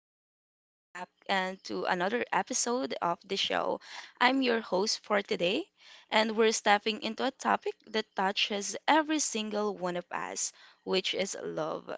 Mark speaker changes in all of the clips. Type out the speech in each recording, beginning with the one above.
Speaker 1: Welcome back and to another episode of the show. I'm your host for today, and we're stepping into a topic that touches every single one of us, which is love.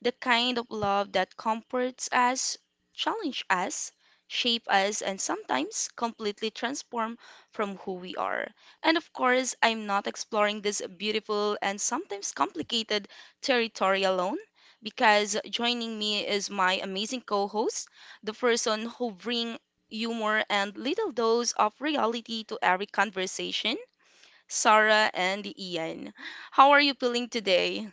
Speaker 1: The kind of love that comforts us, challenges us, shape us, and sometimes completely transform from who we are. And of course, I'm not exploring this beautiful and sometimes complicated territory alone because joining me is my amazing co host, the person who bring humor and little dose of reality to every conversation, Sarah and Ian. How are you feeling today?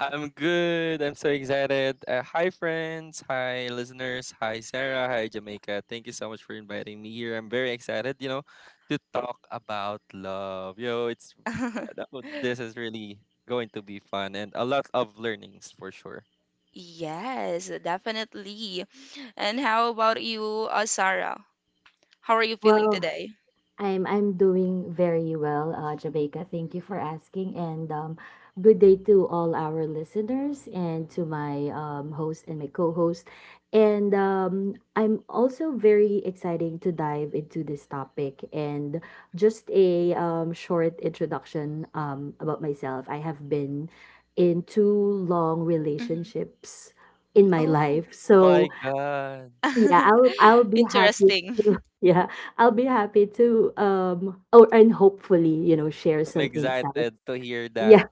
Speaker 2: I'm good. I'm so excited. Hi, friends. Hi, listeners. Hi, Sarah. Hi, Jamaica. Thank you so much for inviting me here. I'm very excited, you know, to talk about love. Yo, it's this is really going to be fun and a lot of learnings for sure.
Speaker 1: Yes, definitely. And how about you, Sarah? How are you feeling
Speaker 3: Well,
Speaker 1: today?
Speaker 3: I'm doing very well, Jamaica. Thank you for asking, and good day to all our listeners and to my host and my co-host. And I'm also very excited to dive into this topic. And just a short introduction about myself. I have been in two long
Speaker 1: Hmm.
Speaker 3: relationships in my life,
Speaker 1: Oh,
Speaker 2: My
Speaker 3: so
Speaker 2: God,
Speaker 3: yeah, I'll I'll be happy
Speaker 1: interesting.
Speaker 3: to yeah, I'll be happy to or and hopefully, share
Speaker 2: I'm
Speaker 3: some
Speaker 2: excited
Speaker 3: insights.
Speaker 2: to hear
Speaker 3: Yeah,
Speaker 2: that.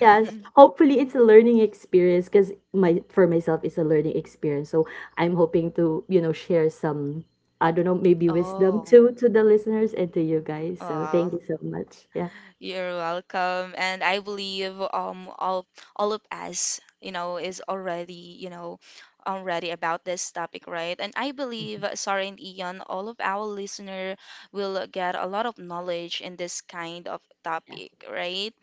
Speaker 3: yes.
Speaker 1: Mhm.
Speaker 3: Hopefully it's a learning experience because my for myself it's a learning experience. So I'm hoping to, share some, I don't know, maybe wisdom
Speaker 1: Oh,
Speaker 3: to the listeners and to you guys. So thank
Speaker 1: wow.
Speaker 3: you so much. Yeah.
Speaker 1: You're welcome. And I believe all of us, is already, already about this topic, right? And I believe
Speaker 3: Mhm.
Speaker 1: Sarah and Ian, all of our listener will get a lot of knowledge in this kind of
Speaker 3: Yeah.
Speaker 1: topic, right?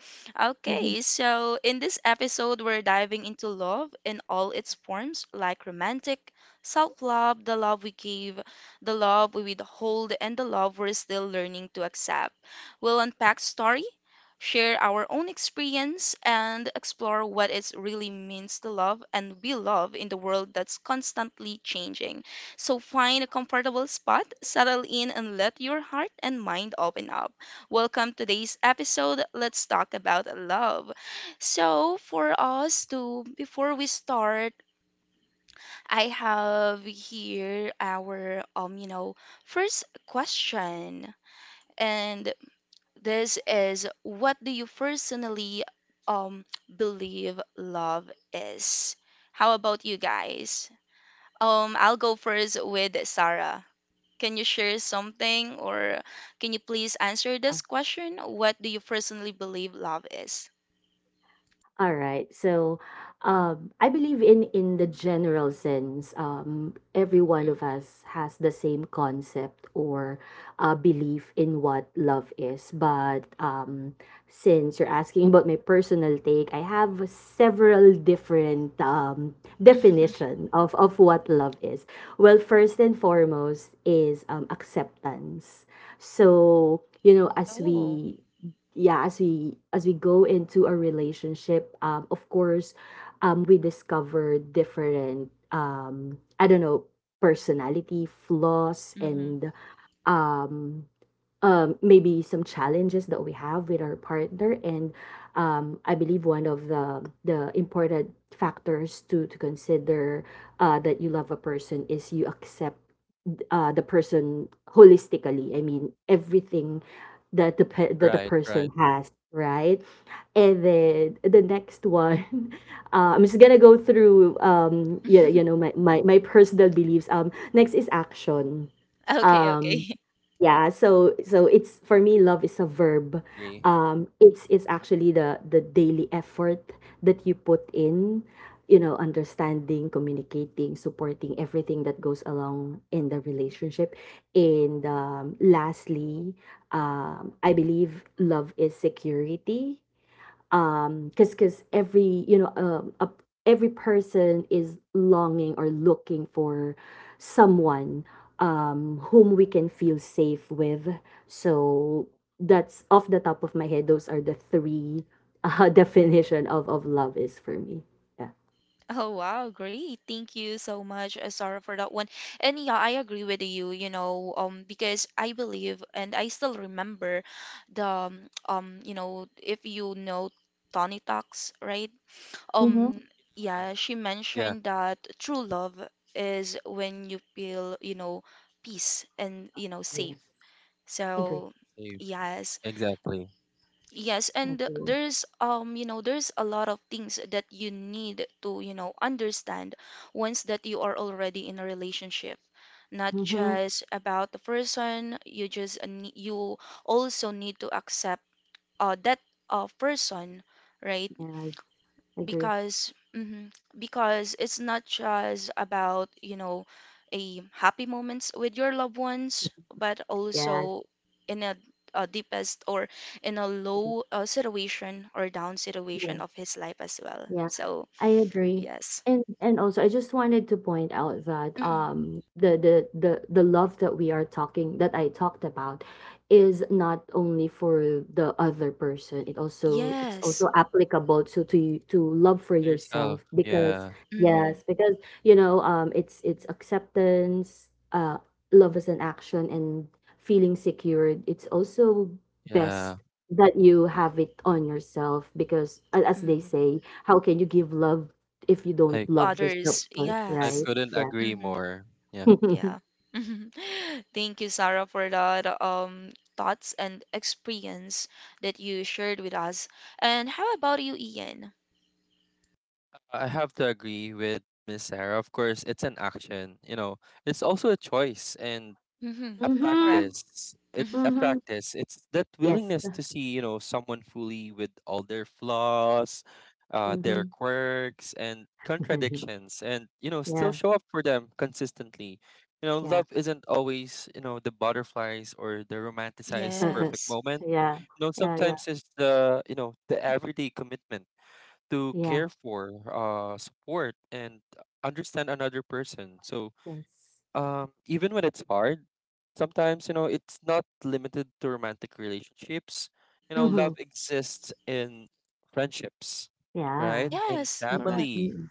Speaker 3: Mhm.
Speaker 1: Okay, so in this episode, we're diving into love in all its forms, like romantic, self-love, the love we give, the love we withhold, and the love we're still learning to accept. We'll
Speaker 3: Yeah.
Speaker 1: unpack story, share our own experience, and explore what it really means to love and we love in the world that's constantly changing. So find a comfortable spot, settle in, and let your heart and mind open up. Welcome to today's episode. Let's talk about love. So, before we start, I have here our, you know, first question. And this is, what do you personally um believe love is? How about you guys? I'll go first with Sarah. Can you share something, or can you please answer this question? What do you personally believe love is?
Speaker 3: All right. So, I believe in the general sense, every one of
Speaker 1: Mm-mm.
Speaker 3: us has the same concept, or belief in what love is. But since you're asking, about my personal take, I have several different,
Speaker 1: Mhm.
Speaker 3: definition of what love is. Well, first and foremost is, acceptance. So, you know, as
Speaker 1: Oh,
Speaker 3: we yeah, as we go into a relationship, of course, we discover different, I don't know, personality flaws,
Speaker 1: Mhm.
Speaker 3: and um maybe some challenges that we have with our partner. And I believe one of the important factors to consider, that you love a person is you accept, the person holistically. I mean everything that that the
Speaker 2: Right,
Speaker 3: person
Speaker 2: right.
Speaker 3: has, right. And then the next one. I'm just gonna go through, my, my personal beliefs. Next is action.
Speaker 1: Okay,
Speaker 3: um
Speaker 1: okay.
Speaker 3: yeah, so it's, for me, love is a verb.
Speaker 2: Agree.
Speaker 3: It's actually the daily effort that you put in, understanding, communicating, supporting everything that goes along in the relationship. And lastly, I believe love is security. Because Every, every person is longing or looking for someone, whom we can feel safe with. So that's off the top of my head. Those are the three, definition of love is for me. Yeah.
Speaker 1: Oh wow, great. Thank you so much, Sarah, for that one. And yeah, I agree with you, you know, because I believe and I still remember the you know, if you know Tony Talks, right?
Speaker 3: Mm-hmm.
Speaker 1: Um,
Speaker 2: Uh,
Speaker 1: yeah, she
Speaker 2: yeah,
Speaker 1: mentioned that true love is when you feel, you know, peace and, you know,
Speaker 3: Yeah.
Speaker 1: safe.
Speaker 3: Agree.
Speaker 1: So,
Speaker 2: safe.
Speaker 1: yes.
Speaker 2: Exactly.
Speaker 1: Yes, and
Speaker 3: Agree.
Speaker 1: there's you know there's a lot of things that you need to you know understand once that you are already in a relationship. Not
Speaker 3: Mm-hmm.
Speaker 1: just about the person, you also need to accept that person, right?
Speaker 3: Yeah. Agree.
Speaker 1: Because mhm, because it's not just about you know a happy moments with your loved ones but
Speaker 3: Yes.
Speaker 1: also in a deepest or in a
Speaker 3: Agree.
Speaker 1: low, situation or down situation of his life as well.
Speaker 3: Yeah,
Speaker 1: So
Speaker 3: I agree.
Speaker 1: yes.
Speaker 3: And also, I just wanted to point out that
Speaker 1: Mm.
Speaker 3: the love that we are talking that I talked about is not only for the other person. It's
Speaker 1: Yes.
Speaker 3: also applicable to love for
Speaker 2: Yourself.
Speaker 3: yourself, because
Speaker 2: Yeah,
Speaker 1: Mm-hmm,
Speaker 3: yes, because it's acceptance, love as an action, and feeling secured. It's also best
Speaker 2: yeah.
Speaker 3: that you have it on yourself, because as they
Speaker 1: mm-hmm.
Speaker 3: say, how can you give love if you
Speaker 2: I
Speaker 3: don't
Speaker 1: To
Speaker 3: love yourself
Speaker 1: others,
Speaker 3: first,
Speaker 2: I
Speaker 1: yes.
Speaker 3: right?
Speaker 2: couldn't
Speaker 3: Yeah.
Speaker 2: agree
Speaker 1: Mm-hmm.
Speaker 2: more. Yeah.
Speaker 1: Yeah. Thank you, Sarah, for that thoughts and experience that you shared with us. And how about you, Ian?
Speaker 2: I have to agree with Miss Sarah. Of course, it's an action. You know, it's also a choice and
Speaker 1: Mm-hmm.
Speaker 2: a
Speaker 1: Correct.
Speaker 3: Mhm.
Speaker 2: practice.
Speaker 3: Mhm.
Speaker 2: It's that
Speaker 3: Yes.
Speaker 2: willingness to see someone fully with all their flaws, their
Speaker 3: Mhm.
Speaker 2: quirks and contradictions, and you know still
Speaker 3: Yeah.
Speaker 2: show up for them consistently. You know,
Speaker 3: Yeah.
Speaker 2: love isn't always the butterflies or the romanticized perfect
Speaker 1: Yes.
Speaker 2: moment.
Speaker 3: Yeah.
Speaker 2: You know,
Speaker 3: Yeah. Yeah.
Speaker 2: sometimes it's the the everyday commitment to
Speaker 3: Yeah.
Speaker 2: care for, support, and understand another person. So
Speaker 3: Yes.
Speaker 2: even when it's hard, sometimes you know it's not limited to romantic relationships. You know,
Speaker 3: Mhm.
Speaker 2: love
Speaker 1: Mm-hmm.
Speaker 2: exists in friendships,
Speaker 3: Yeah.
Speaker 2: right? In
Speaker 1: Yes,
Speaker 3: Mm-mm,
Speaker 1: correct.
Speaker 2: family,
Speaker 3: mm-mm.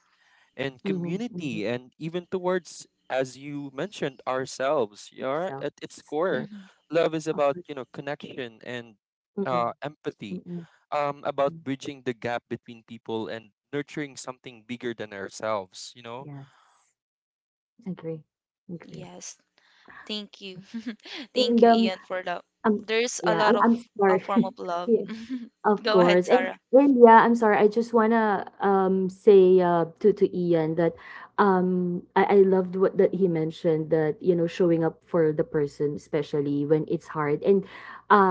Speaker 2: and
Speaker 3: Mhm. Mhm.
Speaker 2: community, and even towards, as you mentioned, ourselves. Yeah,
Speaker 3: Yourself.
Speaker 2: at its
Speaker 3: Yes.
Speaker 2: core
Speaker 1: Mm-hmm.
Speaker 2: love is
Speaker 3: Of
Speaker 2: about
Speaker 3: course.
Speaker 2: you know connection and
Speaker 3: Mm-mm,
Speaker 2: empathy,
Speaker 3: mm-mm,
Speaker 2: about
Speaker 3: mm.
Speaker 2: bridging the gap between people and nurturing something bigger than ourselves, you know.
Speaker 3: Yes. Agree. Agree.
Speaker 1: Yes. Thank you. Thank
Speaker 3: And,
Speaker 1: you, Ian, for that.
Speaker 3: um,
Speaker 1: There's a
Speaker 3: yeah,
Speaker 1: lot
Speaker 3: I'm,
Speaker 1: of
Speaker 3: I'm
Speaker 1: a
Speaker 3: sorry.
Speaker 1: form of love.
Speaker 3: Of
Speaker 1: Go ahead,
Speaker 3: course. And
Speaker 1: Sarah.
Speaker 3: and yeah, I'm sorry. I just wanna say, to Ian that, I loved what that he mentioned, that showing up for the person, especially when it's hard. And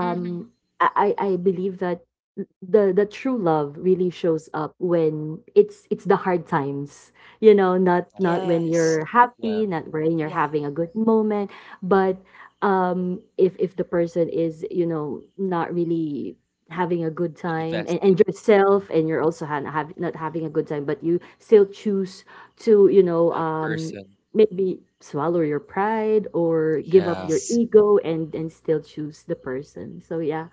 Speaker 1: Mm-hmm.
Speaker 3: I believe that the true love really shows up when it's the hard times, not
Speaker 2: Uh,
Speaker 3: not when
Speaker 1: Yes.
Speaker 3: you're
Speaker 2: yeah,
Speaker 3: happy, not when you're
Speaker 1: Yeah.
Speaker 3: having a good moment, but if the person is, not really having a good time, and,
Speaker 2: invested,
Speaker 3: and
Speaker 2: um,
Speaker 3: yourself, and you're also not having a good time, but you still choose to,
Speaker 2: that person,
Speaker 3: maybe swallow your pride, or give up
Speaker 2: yeah.
Speaker 3: your
Speaker 1: Yes.
Speaker 3: ego, and still choose the person, so yeah.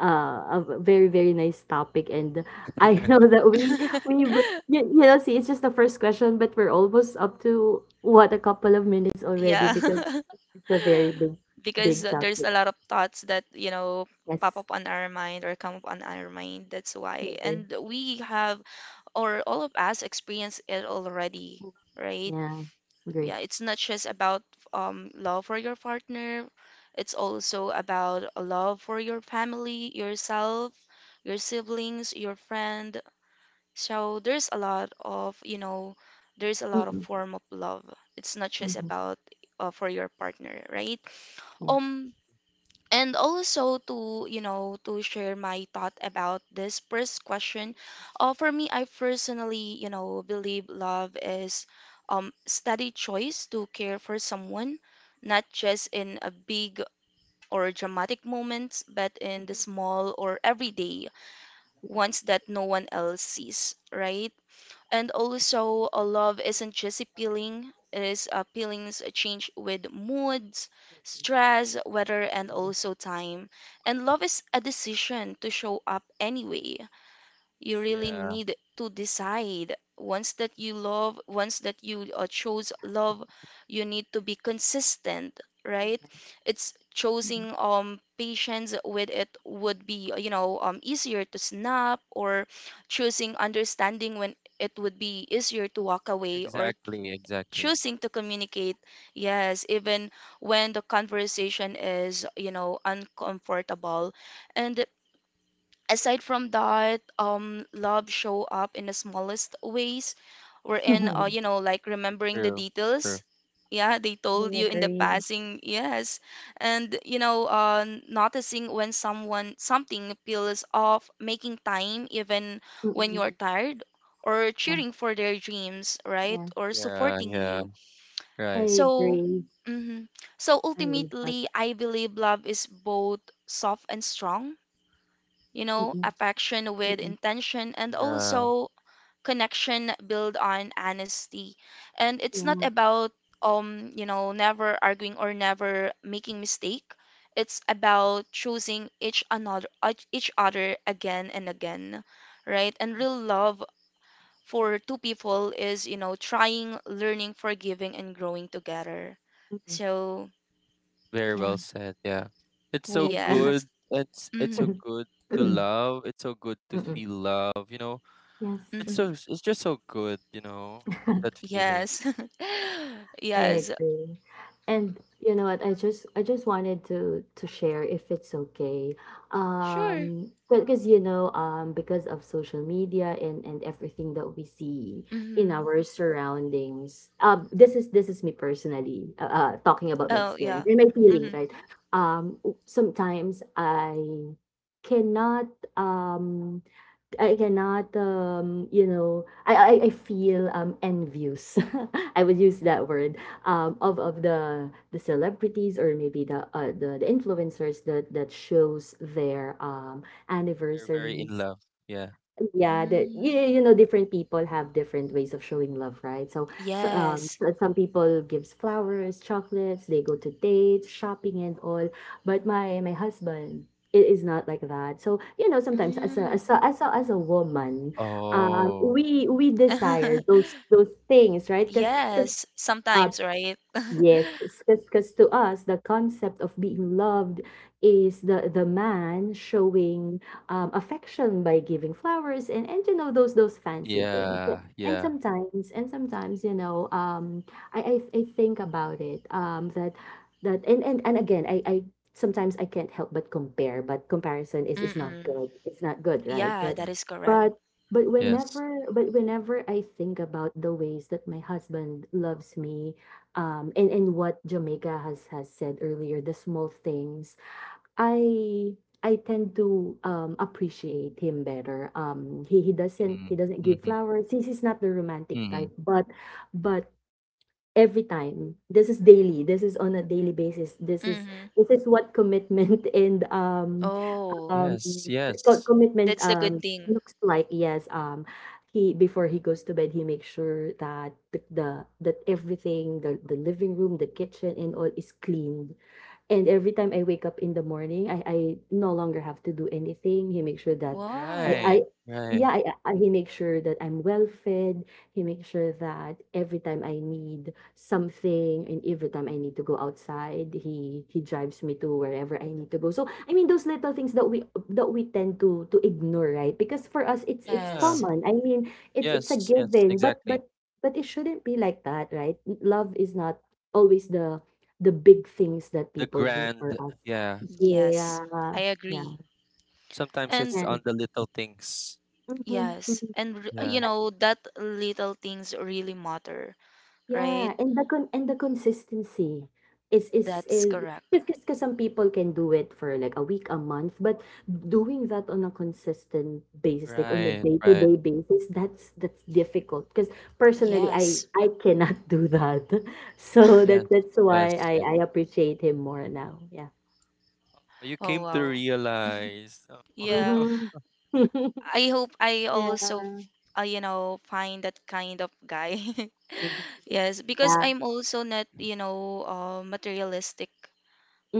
Speaker 3: A very, very nice topic. And I know that we see, it's just the first question, but we're almost up to, what, a couple of minutes already,
Speaker 1: Yeah.
Speaker 3: because it's a very big,
Speaker 1: Because,
Speaker 3: big
Speaker 1: there's
Speaker 3: topic.
Speaker 1: a lot of thoughts that you know pop
Speaker 3: Yes.
Speaker 1: up on our mind or come up on our mind, that's why,
Speaker 3: Agree.
Speaker 1: and we have, or all of us experience it already, right?
Speaker 3: Yeah. Agree.
Speaker 1: Yeah, it's not just about love for your partner, it's also about a love for your family, yourself, your siblings, your friend. So there's a lot of, you know, there's a lot of
Speaker 3: Mm,
Speaker 1: form of love. It's not just
Speaker 3: mhm,
Speaker 1: about, for your partner, right?
Speaker 3: yeah.
Speaker 1: Um, and also, to, you know, to share my thought about this first question. For me, I personally, you know, believe love is steady choice to care for someone, not just in a big or dramatic moments, but in the small or everyday ones that no one else sees, right? And also, a love isn't just appealing, it is, feelings change with moods, stress, weather, and also time. And love is a decision to show up anyway. You
Speaker 3: Yes.
Speaker 1: really
Speaker 2: Yeah,
Speaker 1: need to decide once that you love, once that you, chose love, you need to be consistent, right? It's
Speaker 3: Mhm.
Speaker 1: choosing patience with it would be, you know, easier to snap, or choosing understanding when it would be easier to walk away, or
Speaker 2: exactly, exactly.
Speaker 1: choosing to communicate, yes, even when the conversation is, you know, uncomfortable. And aside from that, love show up in the smallest ways. We're in, you know, like remembering the
Speaker 2: True, true.
Speaker 1: details. Yeah, they told
Speaker 3: I
Speaker 1: you in the
Speaker 3: agree.
Speaker 1: passing, yes. And, you know, noticing when someone, something peels off, making time even when
Speaker 3: Mm,
Speaker 1: you're tired, or
Speaker 3: yeah,
Speaker 1: cheering for their dreams, right?
Speaker 3: yeah.
Speaker 1: Or
Speaker 2: Yeah,
Speaker 1: supporting
Speaker 2: yeah,
Speaker 1: you.
Speaker 3: I
Speaker 2: right,
Speaker 1: So,
Speaker 3: agree.
Speaker 1: mhm. So
Speaker 3: I love that.
Speaker 1: ultimately, I believe love is both soft and strong, you know,
Speaker 3: Mm,
Speaker 1: affection with
Speaker 3: mm,
Speaker 1: intention, and
Speaker 2: yeah.
Speaker 1: also connection built on honesty. And it's not
Speaker 3: yeah,
Speaker 1: about, you know, never arguing or never making mistake. It's about choosing each another each other again and again, right? And real love for two people is, you know, trying, learning, forgiving and growing together.
Speaker 3: mm,
Speaker 1: So,
Speaker 2: Very
Speaker 3: yeah.
Speaker 2: well said. Yeah. It's so
Speaker 3: I agree.
Speaker 1: yes.
Speaker 2: good. It's so
Speaker 1: Mm-hmm.
Speaker 2: good to love. It's so good to
Speaker 3: Mm,
Speaker 2: feel love, you know. It's
Speaker 3: yes.
Speaker 1: Mm-hmm.
Speaker 2: so it's just so good, you know, that feeling.
Speaker 1: Yes.
Speaker 3: I
Speaker 1: Yes.
Speaker 3: agree. And you know what? I just wanted to share, if it's okay.
Speaker 1: Oh, sure.
Speaker 3: Because of social media and everything that we see in
Speaker 1: Mm-hmm.
Speaker 3: our surroundings. This is me personally, talking about my
Speaker 1: Oh,
Speaker 3: experience
Speaker 1: yeah.
Speaker 3: and my feelings,
Speaker 1: Mm-hmm.
Speaker 3: right? Sometimes cannot um I cannot, I feel, envious. I would use that word, of the celebrities, or maybe the influencers that shows their,
Speaker 2: They're very in
Speaker 3: anniversaries.
Speaker 2: love. Yeah.
Speaker 3: Yeah, that,
Speaker 1: Mm,
Speaker 3: different people have different ways of showing love, right? So, so um,
Speaker 1: yes.
Speaker 3: so some people gives flowers, chocolates, they go to dates, shopping, and all. But my husband, it is not like that. So, you know, sometimes, as a
Speaker 1: Mm.
Speaker 3: as a as a, as a woman,
Speaker 2: Oh.
Speaker 3: we desire those things, right? Because,
Speaker 1: Yes, sometimes, right?
Speaker 3: yes, because to us, the concept of being loved is the man showing, affection by giving flowers, and you know, those fancy things.
Speaker 2: Yeah.
Speaker 3: And
Speaker 2: Yeah.
Speaker 3: sometimes and sometimes I think about it, that that and and and again, I can't help but compare, but comparison is not
Speaker 1: Mm-mm.
Speaker 3: good. It's not good, right?
Speaker 1: Yeah,
Speaker 2: Hmm.
Speaker 1: that is correct.
Speaker 3: But but
Speaker 2: Yes.
Speaker 3: whenever but whenever I think about the ways that my husband loves me, and what Jamaica has said earlier, the small things, I I tend to, appreciate him better. He he doesn't
Speaker 2: Hmm.
Speaker 3: he doesn't give
Speaker 2: Hmm.
Speaker 3: flowers. He's not the romantic type,
Speaker 2: Hmm.
Speaker 3: but every time, this is daily, this is on a daily basis, this is
Speaker 1: Mm-hmm.
Speaker 3: this is what commitment, and
Speaker 1: Oh,
Speaker 3: um,
Speaker 2: Yes.
Speaker 3: co
Speaker 2: Yes.
Speaker 3: commitment,
Speaker 1: that's the good thing.
Speaker 3: looks like. Yes, he, before he goes to bed, he makes sure that, the that everything, the living room, the kitchen, and all, is clean. And every time I wake up in the morning, I no longer have to do anything. He makes sure that
Speaker 2: Right.
Speaker 3: I
Speaker 1: Wow.
Speaker 2: Right.
Speaker 3: yeah, he makes sure that I'm well fed. He makes sure that every time I need something, and every time I need to go outside, he drives me to wherever I need to go. So I mean those little things that we tend to ignore, right? Because for us, it's
Speaker 2: Yeah.
Speaker 1: Yes.
Speaker 3: common. I mean it's a
Speaker 2: Yes. Yes.
Speaker 3: given, but
Speaker 2: Exactly.
Speaker 3: but but it shouldn't be like that, right? Love is not always the big things that
Speaker 2: The
Speaker 3: people do for
Speaker 2: grand.
Speaker 3: us.
Speaker 2: Yeah.
Speaker 1: Yes.
Speaker 3: Yeah,
Speaker 1: I
Speaker 3: yeah,
Speaker 1: agree.
Speaker 2: Sometimes
Speaker 1: And
Speaker 2: it's
Speaker 3: and
Speaker 2: on the little things.
Speaker 3: mhm,
Speaker 1: yes,
Speaker 3: mhm.
Speaker 1: and
Speaker 3: And
Speaker 1: you
Speaker 2: Yeah.
Speaker 1: know that little things really matter, right?
Speaker 3: yeah, and the consistency is is
Speaker 1: That's
Speaker 3: is
Speaker 1: correct.
Speaker 3: because some people can do it for like a week, a month, but doing that on a consistent basis, like on a
Speaker 2: Right. Right.
Speaker 3: day-to-day basis, that's difficult. Because personally, I
Speaker 1: Yes.
Speaker 3: I cannot do that. So that
Speaker 2: Yes,
Speaker 3: that's why
Speaker 2: yes,
Speaker 3: I
Speaker 2: yes.
Speaker 3: I appreciate him more now. Yeah.
Speaker 2: You
Speaker 1: Oh,
Speaker 2: came to
Speaker 1: wow.
Speaker 2: realize,
Speaker 1: Yeah.
Speaker 2: oh,
Speaker 3: Mm-hmm.
Speaker 1: I hope I also,
Speaker 3: Yeah.
Speaker 1: you know, find that kind of guy. Yes, because
Speaker 3: Yeah.
Speaker 1: I'm also not, you know, materialistic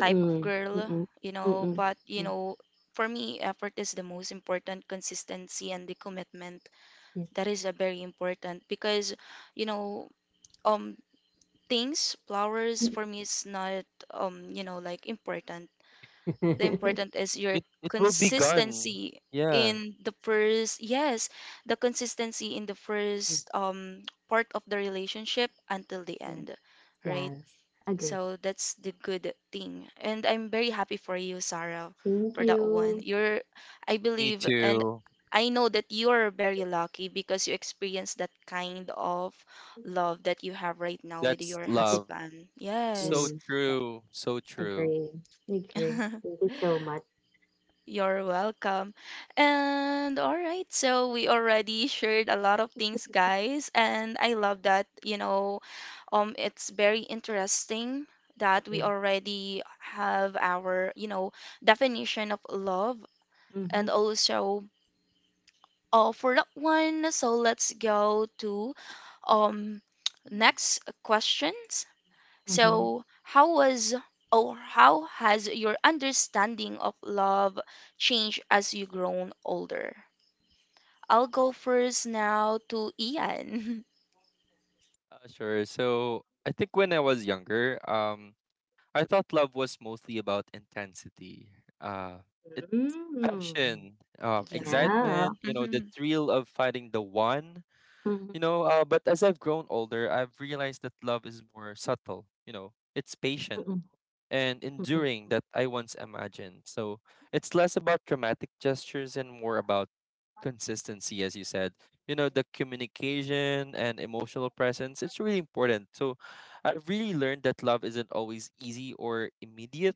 Speaker 1: type of girl,
Speaker 3: Mm-mm.
Speaker 1: you know,
Speaker 3: Mm-mm.
Speaker 1: but, you
Speaker 3: Mm.
Speaker 1: know, for me, effort is the most important, consistency and the commitment.
Speaker 3: Yes.
Speaker 1: That is a very important because, you know, um, things, flowers
Speaker 3: Mm.
Speaker 1: for me is not, you know, like important. The important is your
Speaker 2: it will be gone.
Speaker 1: consistency
Speaker 2: Yeah,
Speaker 1: in the first, yes, the consistency in the
Speaker 3: Mm.
Speaker 1: first part of the relationship until the
Speaker 3: Yeah.
Speaker 1: end, right?
Speaker 3: Yes. Agree.
Speaker 1: So that's the good thing, and I'm very happy for you, Sarah,
Speaker 3: Thank
Speaker 1: for that one.
Speaker 3: you.
Speaker 1: You're, I
Speaker 2: me
Speaker 1: believe, and
Speaker 2: too.
Speaker 1: I know that you're very lucky because you experienced that kind of love that you have right now with
Speaker 2: That's
Speaker 1: your
Speaker 3: Mhm.
Speaker 2: love.
Speaker 1: husband.
Speaker 2: So
Speaker 1: Yes.
Speaker 3: Mm. Yeah.
Speaker 2: true, so true.
Speaker 3: Agree. Agree. Thank you so much.
Speaker 1: You're welcome. And all right, so we already shared a lot of things, guys, and I love that, you know, it's very interesting that we
Speaker 3: Mm-mm.
Speaker 1: already have our, you know, definition of love,
Speaker 3: Mm-hmm.
Speaker 1: and also, for that one, so let's go to um next questions.
Speaker 3: Mm-hmm.
Speaker 1: So, how was or how has your understanding of love changed as you grown older? I'll go first now to Ian.
Speaker 2: Sure. So I think when I was younger, I thought love was mostly about intensity, uh, it,
Speaker 3: Mm.
Speaker 2: passion,
Speaker 1: Yeah.
Speaker 3: Yeah.
Speaker 2: excitement. You know, the
Speaker 1: Hmm.
Speaker 2: thrill of finding the one.
Speaker 3: Mm-hmm.
Speaker 2: You know, but as I've grown older, I've realized that love is more subtle. You know, it's patient
Speaker 3: Mm-mm.
Speaker 2: and
Speaker 3: Mm-mm.
Speaker 2: enduring that I once imagined. So it's less about dramatic gestures and more about consistency, as you said. You know, the communication and emotional presence, it's really important. So I've really learned that love isn't always easy or immediate.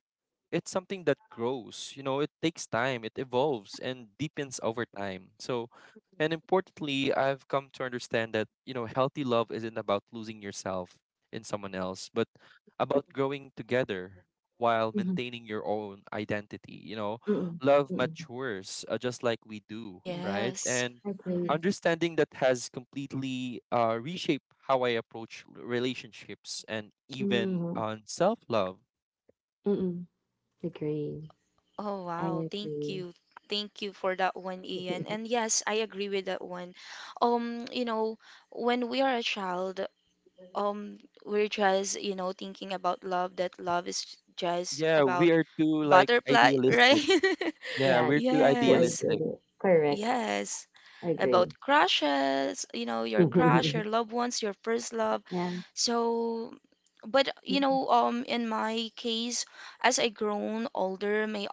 Speaker 2: It's something that grows, you know, it takes time, it evolves and deepens over time. So, and importantly, I've come to understand that, you know, healthy love isn't about losing yourself in someone else, but about growing together while
Speaker 3: Mm-mm.
Speaker 2: maintaining your own identity. You know,
Speaker 3: Mm-mm.
Speaker 2: love
Speaker 3: Mm-mm.
Speaker 2: matures, just like we do,
Speaker 3: Yeah.
Speaker 2: right?
Speaker 1: Yes.
Speaker 2: And
Speaker 3: Agree.
Speaker 1: Hmm.
Speaker 2: understanding that has completely reshaped how I approach relationships and even
Speaker 3: Mm-hmm.
Speaker 2: on self love.
Speaker 3: Mm-mm. Agree.
Speaker 1: Oh,
Speaker 3: I
Speaker 1: wow. Thank
Speaker 3: agree.
Speaker 1: you. Thank you for that one, Ian. And yes, I agree with that one. You know, when we are a child, um we're just you know thinking about love, that love is just
Speaker 2: Yeah,
Speaker 1: about
Speaker 2: we are too like
Speaker 1: butterfly right
Speaker 2: idealistic. Yeah,
Speaker 3: Yeah,
Speaker 2: we're too
Speaker 3: who I
Speaker 1: yes,
Speaker 3: did
Speaker 2: idealistic.
Speaker 3: it. Correct,
Speaker 1: yes,
Speaker 3: I agree.
Speaker 1: about crushes, you know, your crush, your loved ones, your first love.
Speaker 3: Yeah.
Speaker 1: So but
Speaker 3: Mm,
Speaker 1: you
Speaker 3: mm,
Speaker 1: know, um, in my case, as I grown older, my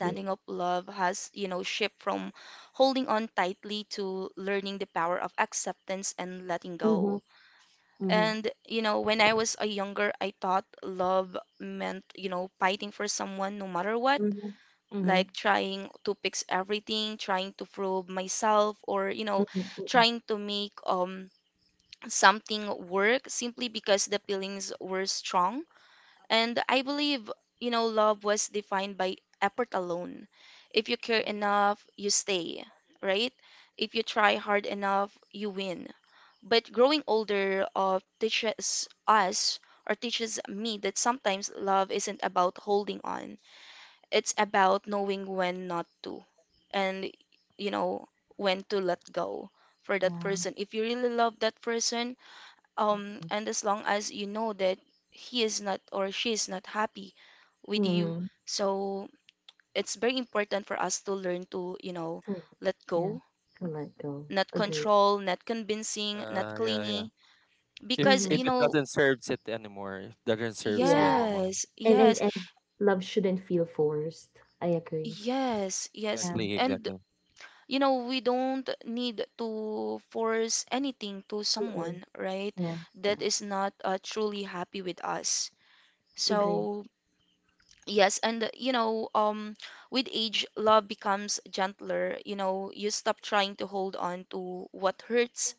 Speaker 3: mm.
Speaker 1: of love has, you know, shifted from holding on tightly to learning the power of acceptance and letting go.
Speaker 3: Mhm, mhm,
Speaker 1: And, you know, when I was a younger, I thought love meant, you know, fighting for someone no matter what,
Speaker 3: mhm, mhm,
Speaker 1: like trying to fix everything, trying to prove myself, or, you know,
Speaker 3: mhm, mhm.
Speaker 1: trying to make something work simply because the feelings were strong. And I believe, you know, love was defined by effort alone. If you care enough, you stay, right? If you try hard enough, you win. But growing older, teaches us or teaches me that sometimes love isn't about holding on. It's about knowing when not to, and you know when to let go for that
Speaker 3: Yeah.
Speaker 1: person. If you really love that person, um,
Speaker 3: Mhm,
Speaker 1: and as long as you know that he is not or she is not happy with you,
Speaker 3: mhm.
Speaker 1: so it's very important for us to learn to, you know,
Speaker 3: Correct.
Speaker 1: let
Speaker 3: Yeah.
Speaker 1: go,
Speaker 3: To let go.
Speaker 1: not
Speaker 3: Agree.
Speaker 1: control, not convincing, not
Speaker 2: Yeah, yeah, yeah.
Speaker 1: clingy,
Speaker 2: If
Speaker 1: because
Speaker 3: Mm-hmm.
Speaker 1: you
Speaker 2: if it
Speaker 1: know,
Speaker 2: doesn't serves it anymore, if doesn't serves you
Speaker 3: Yeah.
Speaker 2: anymore.
Speaker 1: yes,
Speaker 3: And and
Speaker 1: yes,
Speaker 3: and love shouldn't feel forced. I agree.
Speaker 1: yes, yes.
Speaker 3: Yeah.
Speaker 2: Exactly,
Speaker 1: And
Speaker 2: exactly.
Speaker 1: you know, we don't need to force anything to
Speaker 3: Mm-mm.
Speaker 1: someone, right?
Speaker 3: Yeah.
Speaker 1: That
Speaker 3: No.
Speaker 1: is not, truly happy with us.
Speaker 3: Agree.
Speaker 1: So, yes, and you know, with age, love becomes gentler. You know, you stop trying to hold on to what hurts,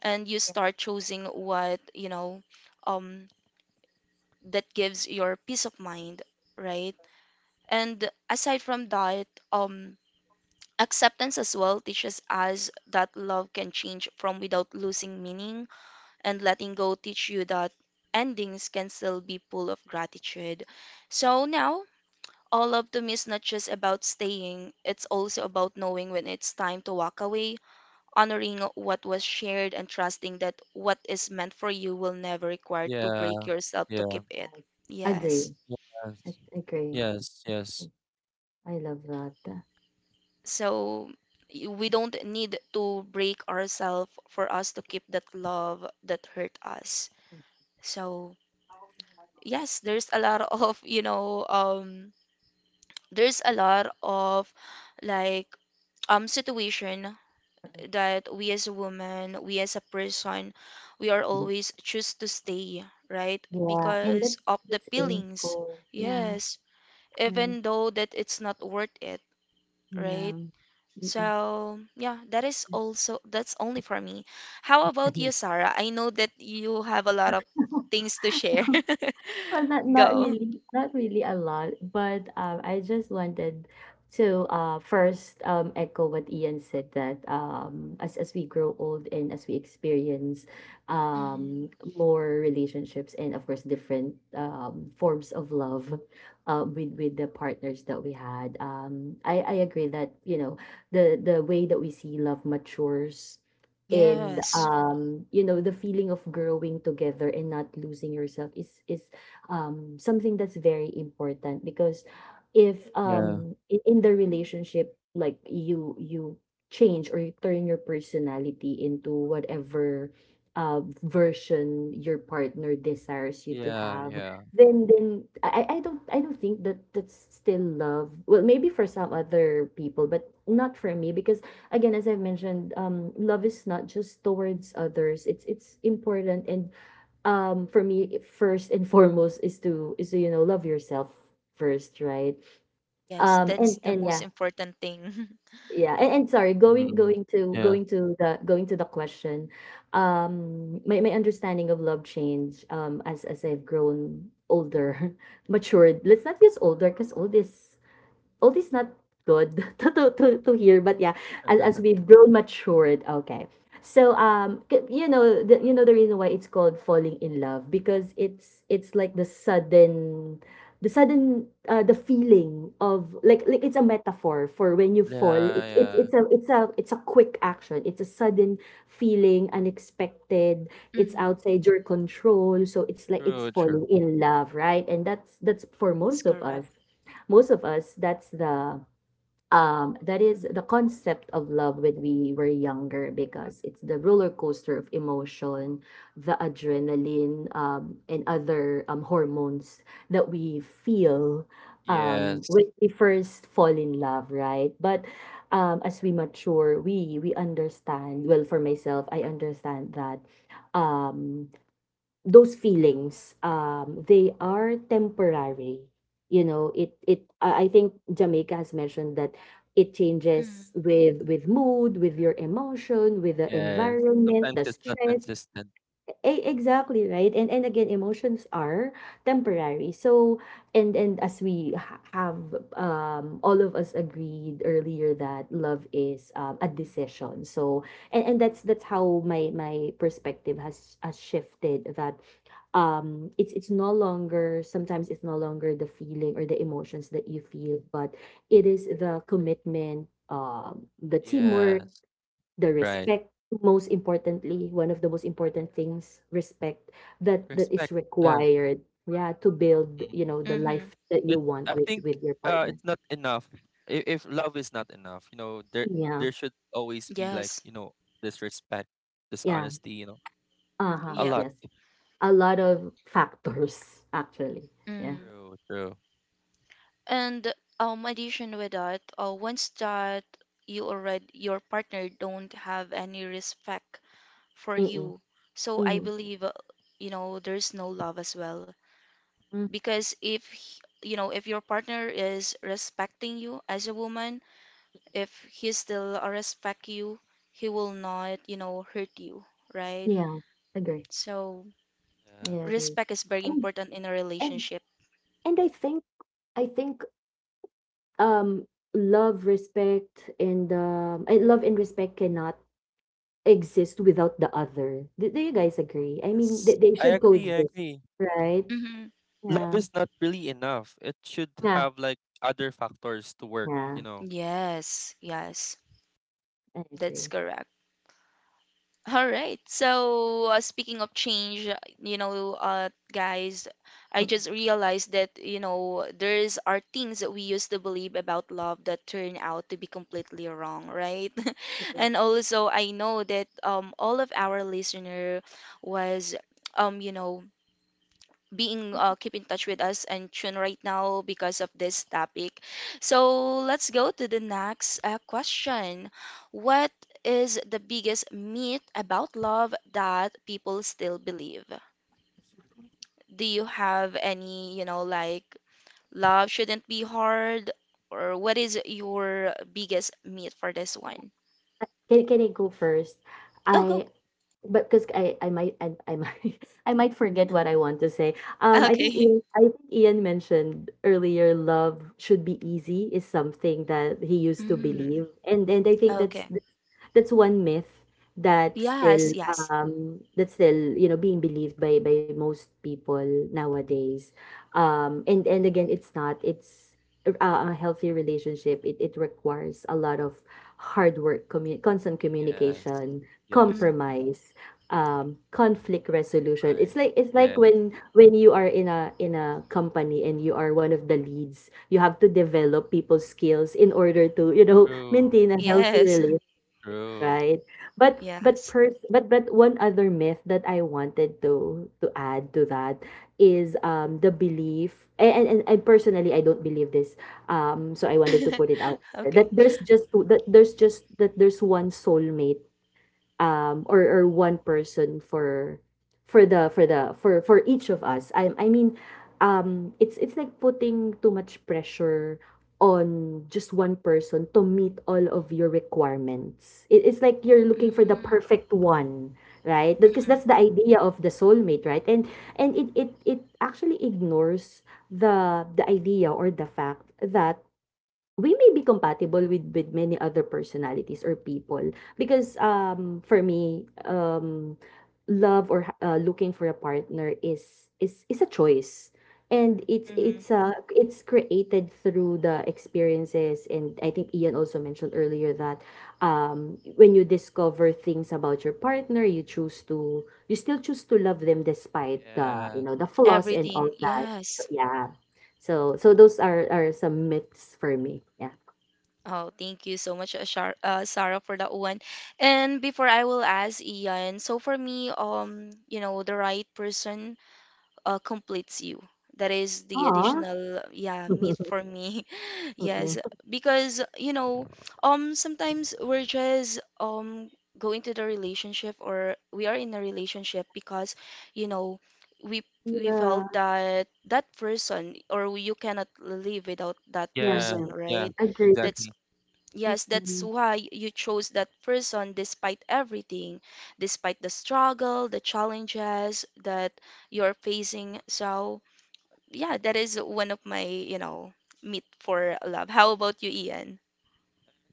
Speaker 1: and you
Speaker 3: Yeah.
Speaker 1: start choosing what, you know, um, that gives your peace of mind, right? And aside from that, um, acceptance as well teaches us that love can change from without losing meaning, and letting go teach you that endings can still be full of gratitude. So now, all of them is not just about staying, it's also about knowing when it's time to walk away, honoring what was shared, and trusting that what is meant for you will never require to
Speaker 2: Yeah,
Speaker 1: break yourself to
Speaker 2: yeah.
Speaker 1: keep it.
Speaker 3: Yes.
Speaker 1: Yes.
Speaker 3: Agree. I,
Speaker 2: Yes.
Speaker 3: agree.
Speaker 2: Yes, yes.
Speaker 3: I, I love that.
Speaker 1: So we don't need to break ourselves for us to keep that love that hurt us. So yes, there's a lot of, there's a lot of like situation
Speaker 3: Mhm,
Speaker 1: that we as a woman, we as a person, we are
Speaker 3: mhm.
Speaker 1: always choose to stay, right?
Speaker 3: Yeah, and that's
Speaker 1: Because of the
Speaker 3: that's
Speaker 1: feelings.
Speaker 3: painful. Yeah,
Speaker 1: Yes.
Speaker 3: yeah,
Speaker 1: Even though that it's not worth it, right?
Speaker 3: yeah.
Speaker 1: So, yeah, that is also that's only for me. How about
Speaker 3: Mm-mm.
Speaker 1: you, Sarah? I know that you have a lot of things to share.
Speaker 3: Well, not not
Speaker 1: Go.
Speaker 3: really, not really a lot, but I just wanted to, first, echo what Ian said, that as we grow old, and as we experience,
Speaker 1: hmm
Speaker 3: more relationships, and of course different, forms of love, with the partners that we had. I agree that, the way that we see love matures. And
Speaker 1: Yes.
Speaker 3: the feeling of growing together and not losing yourself is, something that's very important. Because if,
Speaker 2: Yeah.
Speaker 3: in, the relationship, like, you change, or you turn your personality into whatever, version your partner desires you to
Speaker 2: Yeah,
Speaker 3: have,
Speaker 2: yeah.
Speaker 3: then I don't think that that's still love. Well, maybe for some other people, but not for me. Because again, as I have mentioned, love is not just towards others. It's important, and for me, first and foremost, is to love yourself first, right?
Speaker 1: Yes, that's
Speaker 3: And
Speaker 1: the
Speaker 3: and
Speaker 1: most
Speaker 3: yeah
Speaker 1: important thing.
Speaker 3: yeah And sorry,
Speaker 2: Mm. Yeah.
Speaker 3: going to the question. My understanding of love change, as I've grown older matured. Let's not use older, because old is not good to hear, but yeah, as we've grown matured, okay. So you know the reason why it's called falling in love, because it's like the sudden, the feeling of like it's a metaphor, for when you fall
Speaker 2: Yeah,
Speaker 3: it's it's
Speaker 2: yeah.
Speaker 3: it's a it's a it's a quick action, it's a sudden feeling, unexpected. It's
Speaker 1: hmm
Speaker 3: outside your control, so it's like it's
Speaker 2: True, true.
Speaker 3: falling in love, right? And that's for
Speaker 1: That's
Speaker 3: most of
Speaker 1: correct.
Speaker 3: us, most of us, that is the concept of love when we were younger, because it's the roller coaster of emotion, the adrenaline, and other hormones that we feel,
Speaker 2: Yes.
Speaker 3: when we first fall in love, right? But as we mature, we understand, well, for myself, I understand that um those feelings, they are temporary. You know it it I think Jamaica has mentioned that. It changes with mood, with your emotion, with the
Speaker 2: Yes.
Speaker 3: environment,
Speaker 2: Sometimes
Speaker 3: the
Speaker 2: it's not
Speaker 3: stress.
Speaker 2: consistent.
Speaker 3: Exactly, right. And again, emotions are temporary. So, and as we ha- have, all of us agreed earlier, that love is a decision. So and that's how my perspective has shifted, that it's no longer sometimes it's no longer the feeling or the emotions that you feel, but it is the commitment, the teamwork,
Speaker 2: Yes.
Speaker 3: the
Speaker 2: Right.
Speaker 3: respect. Most importantly, one of the most important things, respect, that is
Speaker 2: Respect. Yeah.
Speaker 3: required, yeah, to build
Speaker 2: Mm.
Speaker 3: the
Speaker 1: Mm-hmm.
Speaker 3: life that
Speaker 2: It,
Speaker 3: you want
Speaker 2: I
Speaker 3: with
Speaker 2: think
Speaker 3: your partner.
Speaker 2: it's not enough. If love is not enough, you know,
Speaker 3: Yeah.
Speaker 2: there should always be like,
Speaker 1: Yes.
Speaker 2: you know, this respect, this
Speaker 3: Yeah.
Speaker 2: honesty, you know.
Speaker 3: Uh-huh.
Speaker 2: A
Speaker 1: Yep.
Speaker 2: lot.
Speaker 3: Yes. A lot of factors, actually. Yeah.
Speaker 1: Mm.
Speaker 2: True, true.
Speaker 1: And addition with that, once that you already your partner don't have any respect for
Speaker 3: Mm-mm.
Speaker 1: you. So I
Speaker 3: Mm-hmm.
Speaker 1: believe, you know, there's no love as well.
Speaker 3: Mm.
Speaker 1: Because if, you know, if your partner is respecting you as a woman, if he still respect you, he will not, you know, hurt you, right?
Speaker 3: Yeah, agree.
Speaker 1: So
Speaker 3: I
Speaker 2: Yeah.
Speaker 3: agree.
Speaker 1: respect is very
Speaker 3: and
Speaker 1: important in a
Speaker 3: and
Speaker 1: relationship.
Speaker 3: and I think um love and respect cannot exist without the other. Do you guys agree? I mean, they,
Speaker 2: Yes.
Speaker 3: they
Speaker 2: I
Speaker 3: should
Speaker 2: agree, I
Speaker 3: coexist,
Speaker 2: agree.
Speaker 3: right?
Speaker 1: hmm
Speaker 2: Love
Speaker 3: Yeah,
Speaker 2: is not really enough. It should
Speaker 3: yeah,
Speaker 2: have like other factors to work,
Speaker 3: yeah.
Speaker 2: you know.
Speaker 1: Yes, yes,
Speaker 3: I
Speaker 1: that's
Speaker 3: agree.
Speaker 1: correct. All right. So, speaking of change, you know, guys, I
Speaker 3: Mm, mm,
Speaker 1: just realized that, you know, there's are things that we used to believe about love that turn out to be completely wrong, right?
Speaker 3: mm.
Speaker 1: And also, I know that all of our listener was you know, being keep in touch with us and tune right now because of this topic. So let's go to the next question. What is the biggest myth about love that people still believe? Do you have any, you know, like love shouldn't be hard, or what is your biggest myth for this one?
Speaker 3: Can I go first?
Speaker 1: Oh, go.
Speaker 3: I but because I might I might forget what I want to say.
Speaker 1: Okay.
Speaker 3: I think Ian mentioned earlier, love should be easy is something that he used to
Speaker 1: Mm,
Speaker 3: believe, and I think that's
Speaker 1: okay.
Speaker 3: that's one myth that's still,
Speaker 1: Yes, yes.
Speaker 3: being believed by most people nowadays. And again, it's not. It's a healthy relationship. It requires a lot of hard work, constant
Speaker 2: Yes.
Speaker 3: communication,
Speaker 2: Yes.
Speaker 1: Mm,
Speaker 3: compromise, conflict resolution. It's
Speaker 2: Right.
Speaker 3: like
Speaker 2: Yeah.
Speaker 3: when you are in a company, and you are one of the leads, you have to develop people's skills in order to,
Speaker 2: True.
Speaker 3: maintain a healthy
Speaker 1: yes,
Speaker 3: relationship,
Speaker 2: True.
Speaker 3: right. but but
Speaker 1: yes.
Speaker 3: pers- but but one other myth that I wanted to add to that is the belief, and personally, I don't believe this. So I wanted to put it out there that
Speaker 1: Okay.
Speaker 3: there's just two, that there's just that there's one soulmate, or one person for the for the for each of us. I mean, it's like putting too much pressure on just one person to meet all of your requirements. It's like you're looking for the
Speaker 1: Mm.
Speaker 3: perfect one, right? Because
Speaker 1: Mm-mm,
Speaker 3: that's the idea of the soulmate, right? And it actually ignores the idea, or the fact that we may be compatible with many other personalities or people, because for me, love, or looking for a partner, is a choice, and
Speaker 1: mm-hmm.
Speaker 3: it's created through the experiences. And I think Ian also mentioned earlier that when you discover things about your partner, you choose to, you still choose to love them despite the you
Speaker 2: Yes.
Speaker 3: know the flaws
Speaker 2: Mhm.
Speaker 3: and all
Speaker 1: Everything,
Speaker 3: that, so
Speaker 1: yes.
Speaker 3: yeah. So those are some myths for me. Yeah.
Speaker 1: Oh, thank you so much, Shar Sarah, for that one. And before I will ask Ian, so for me, you know, the right person completes you. That is the
Speaker 3: Aw.
Speaker 1: additional, yeah, meat for me. Yes,
Speaker 3: Mm.
Speaker 1: because you know, sometimes we're just go into the relationship or we are in a relationship because, you know, we we felt
Speaker 3: Yeah.
Speaker 1: that that person or you cannot live without that
Speaker 3: Yeah,
Speaker 2: Yeah.
Speaker 3: yeah.
Speaker 1: person,
Speaker 2: Yeah.
Speaker 1: right?
Speaker 3: Agree.
Speaker 1: That's
Speaker 2: Exactly.
Speaker 1: Yes, that's
Speaker 3: Mm.
Speaker 1: why you chose that person despite everything, despite the struggle, the challenges that you're facing. So, yeah, that is one of my, you know, meet for love. How about you, Ian?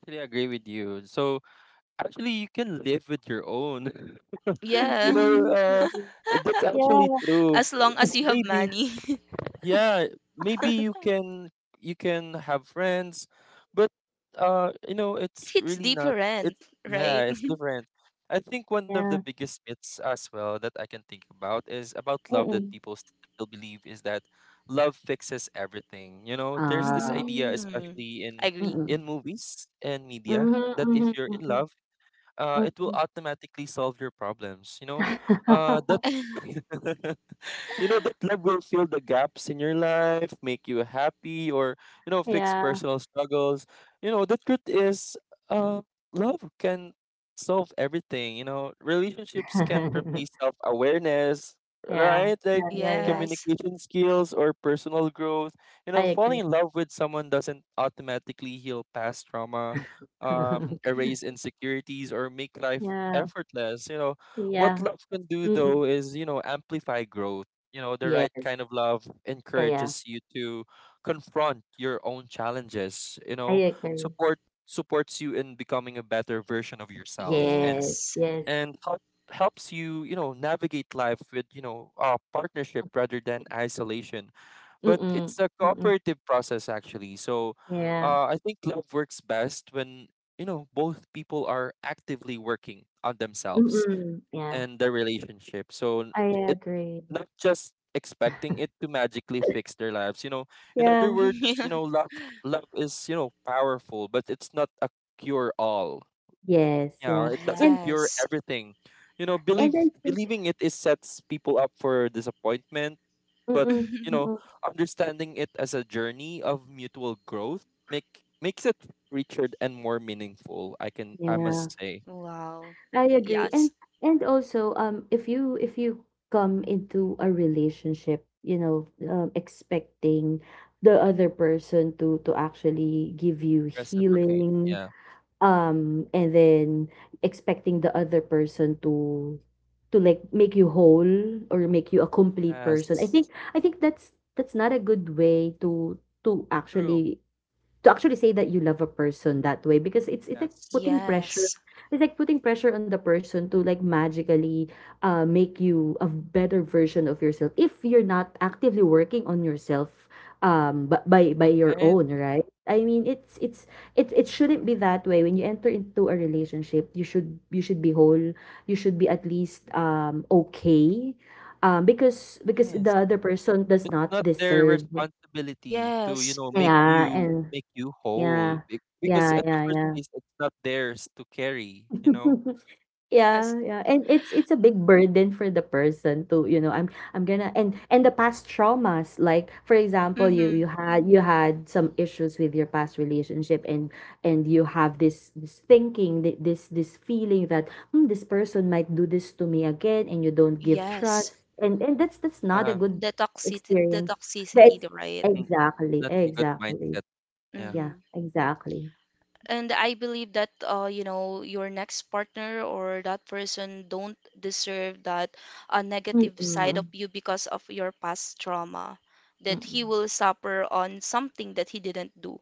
Speaker 2: Actually, I agree with you. So actually, you can live with your own. You
Speaker 1: Yeah,
Speaker 2: know,
Speaker 3: Agree.
Speaker 2: that's actually
Speaker 3: Yeah.
Speaker 2: true.
Speaker 1: as long as you have
Speaker 2: Maybe,
Speaker 1: money.
Speaker 2: yeah, maybe you can, you can have friends, but you know
Speaker 1: But it
Speaker 2: it's
Speaker 1: hits
Speaker 2: really not,
Speaker 1: different,
Speaker 2: it's, yeah,
Speaker 1: right?
Speaker 2: it's different. I think one of the
Speaker 3: Yeah.
Speaker 2: biggest myths as well that I can think about is about love,
Speaker 3: Mm.
Speaker 2: that people still believe is that love fixes everything. You know, there's this
Speaker 3: Uh.
Speaker 2: idea,
Speaker 1: Mm,
Speaker 2: especially in
Speaker 1: agree.
Speaker 3: Mm.
Speaker 2: movies and media,
Speaker 3: Mhm,
Speaker 2: that
Speaker 3: mhm,
Speaker 2: if you're in
Speaker 3: mm,
Speaker 2: love, it will
Speaker 3: mm.
Speaker 2: automatically solve your problems. You know, that you know that love will fill the gaps in your life, make you happy, or you know fix
Speaker 3: Yeah.
Speaker 2: personal struggles. You know the truth is, uh, love can solve everything. You know relationships can't replace self-awareness,
Speaker 3: Yeah.
Speaker 2: right, like
Speaker 3: Yeah, yeah, yeah.
Speaker 1: Yes.
Speaker 2: communication skills or personal growth. You know,
Speaker 3: I
Speaker 2: falling
Speaker 3: agree.
Speaker 2: in love with someone doesn't automatically heal past trauma, erase insecurities, or make life
Speaker 3: Yeah.
Speaker 2: effortless. You know, what
Speaker 3: Yeah.
Speaker 2: love can do
Speaker 3: Mm.
Speaker 2: though is, you know, amplify growth. You know the right
Speaker 3: Yes.
Speaker 2: kind of love
Speaker 3: Yeah, yeah.
Speaker 2: encourages you to confront your own challenges. You
Speaker 3: I
Speaker 2: know
Speaker 3: agree.
Speaker 2: support supports you in becoming a better version of yourself, and
Speaker 3: Yes,
Speaker 1: Yes.
Speaker 3: yes.
Speaker 2: and help, helps you, you know, navigate life with you know partnership rather than isolation. But
Speaker 3: Mm.
Speaker 2: it's a
Speaker 3: Mm.
Speaker 2: cooperative process actually. So
Speaker 3: Yeah.
Speaker 2: I think love works best when, you know, both people are actively working on themselves
Speaker 3: Mm, yeah.
Speaker 2: and the relationship. So
Speaker 3: I
Speaker 2: it,
Speaker 3: agree.
Speaker 2: not just expecting it to magically fix their lives. You know, in other
Speaker 3: Yeah.
Speaker 2: words, you know, love is, you know, powerful, but it's not a cure all.
Speaker 3: Yes,
Speaker 2: Yeah,
Speaker 3: yeah.
Speaker 2: it doesn't
Speaker 3: And
Speaker 2: cure
Speaker 1: Yes.
Speaker 2: everything. You know,
Speaker 3: and
Speaker 2: believe
Speaker 3: I think.
Speaker 2: believing it is sets people up for disappointment, but
Speaker 3: Mm,
Speaker 2: you know,
Speaker 3: mm.
Speaker 2: understanding it as a journey of mutual growth makes it richer and more meaningful, I can, I
Speaker 3: Yeah,
Speaker 2: must say.
Speaker 1: Wow.
Speaker 3: I agree. And
Speaker 1: Yes.
Speaker 3: and also, if you come into a relationship, expecting the other person to actually give you
Speaker 2: Reciprocate.
Speaker 3: healing,
Speaker 2: Yeah.
Speaker 3: and then expecting the other person to like make you whole, or make you a complete person,
Speaker 2: Yes.
Speaker 3: I think that's not a good way to to
Speaker 2: True.
Speaker 3: actually to actually say that you love a person that way, because
Speaker 2: Yes.
Speaker 1: Yes.
Speaker 3: it's like putting pressure on the person to, like, magically make you a better version of yourself, if you're not actively working on yourself, but by your
Speaker 2: Right?
Speaker 3: own right. I mean, it shouldn't be that way. When you enter into a relationship, you should be whole. You should be at least okay, because the
Speaker 2: Yes.
Speaker 3: other person does
Speaker 2: It's
Speaker 3: not
Speaker 2: not their
Speaker 3: deserve.
Speaker 2: responsibility to, you
Speaker 1: Yes.
Speaker 2: know, make
Speaker 3: Yeah,
Speaker 2: you,
Speaker 3: and
Speaker 2: make you whole.
Speaker 3: yeah.
Speaker 2: Be- Because
Speaker 3: Yeah,
Speaker 2: at the
Speaker 3: yeah,
Speaker 2: first
Speaker 3: yeah.
Speaker 2: place it's not theirs to carry, you know.
Speaker 1: Yes.
Speaker 3: Yeah, yeah. And it's a big burden for the person to, you know, I'm gonna and the past traumas, like for example,
Speaker 1: Mm-hmm.
Speaker 3: you had some issues with your past relationship, and you have this this thinking, this feeling that, hmm, this person might do this to me again, and you don't give
Speaker 1: Yes.
Speaker 3: trust. And that's not a
Speaker 2: Um
Speaker 3: good
Speaker 1: The toxicity, the
Speaker 3: experience.
Speaker 1: toxicity, the
Speaker 3: That's
Speaker 1: right?
Speaker 2: n- Not a good
Speaker 3: exactly.
Speaker 2: mindset. Yeah.
Speaker 3: Yeah,
Speaker 1: Mm-hmm.
Speaker 3: exactly.
Speaker 1: And I believe that you know, your next partner or that person don't deserve that a negative side
Speaker 3: Mm-mm.
Speaker 1: of you because of your past trauma, that he
Speaker 3: Mm.
Speaker 1: will suffer on something that he didn't do.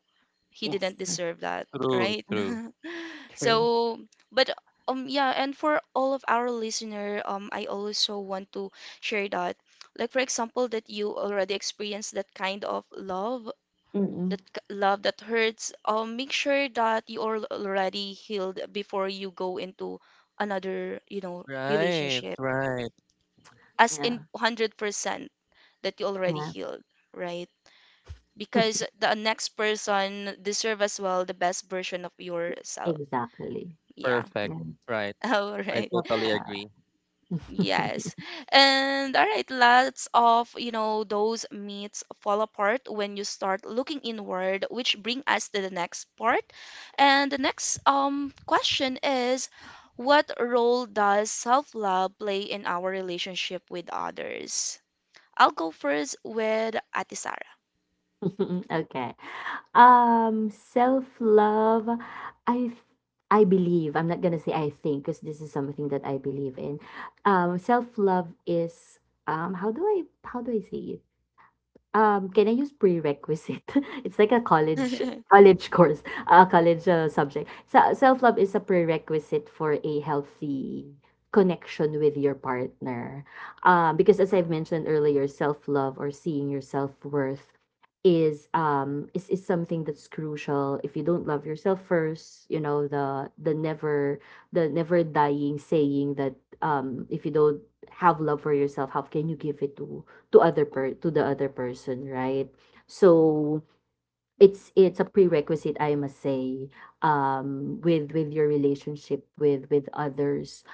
Speaker 1: He
Speaker 3: Yes.
Speaker 1: didn't
Speaker 3: Mm,
Speaker 1: deserve that,
Speaker 2: True,
Speaker 1: right?
Speaker 3: mm,
Speaker 2: true.
Speaker 3: true.
Speaker 1: So, but yeah, and for all of our listener, I also want to share that like for example that you already experienced that kind of love
Speaker 3: Mm.
Speaker 1: that love that hurts, make sure that you are already healed before you go into another you know
Speaker 2: Right,
Speaker 1: relationship
Speaker 2: right.
Speaker 1: as
Speaker 3: Yeah,
Speaker 1: in 100% that you already
Speaker 3: yeah.
Speaker 1: healed, right? Because the next person deserve as well the best version of yourself.
Speaker 3: Exactly.
Speaker 1: Yeah.
Speaker 2: Perfect.
Speaker 3: Yeah,
Speaker 2: Right.
Speaker 1: All
Speaker 2: I
Speaker 1: right.
Speaker 3: love
Speaker 2: totally agree.
Speaker 3: that.
Speaker 1: Yes. And all right, lots of, you know, those myths fall apart when you start looking inward, which bring us to the next part. And the next question is what role does self-love play in our relationship with others? I'll go first with Ati Sarah.
Speaker 3: Okay. Self-love, I f- I believe, I'm not gonna say I think, because this is something that I believe in. Self-love is, how do I say it? Can I use prerequisite? It's like a
Speaker 1: hmm
Speaker 3: college course, a college, subject. So self-love is a prerequisite for a healthy connection with your partner. Because as I've mentioned earlier, self-love, or seeing your self-worth, is something that's crucial. If you don't love yourself first, you know, the never dying saying that, if you don't have love for yourself, how can you give it to the other person, right? So it's a prerequisite, I must say, with your relationship with others.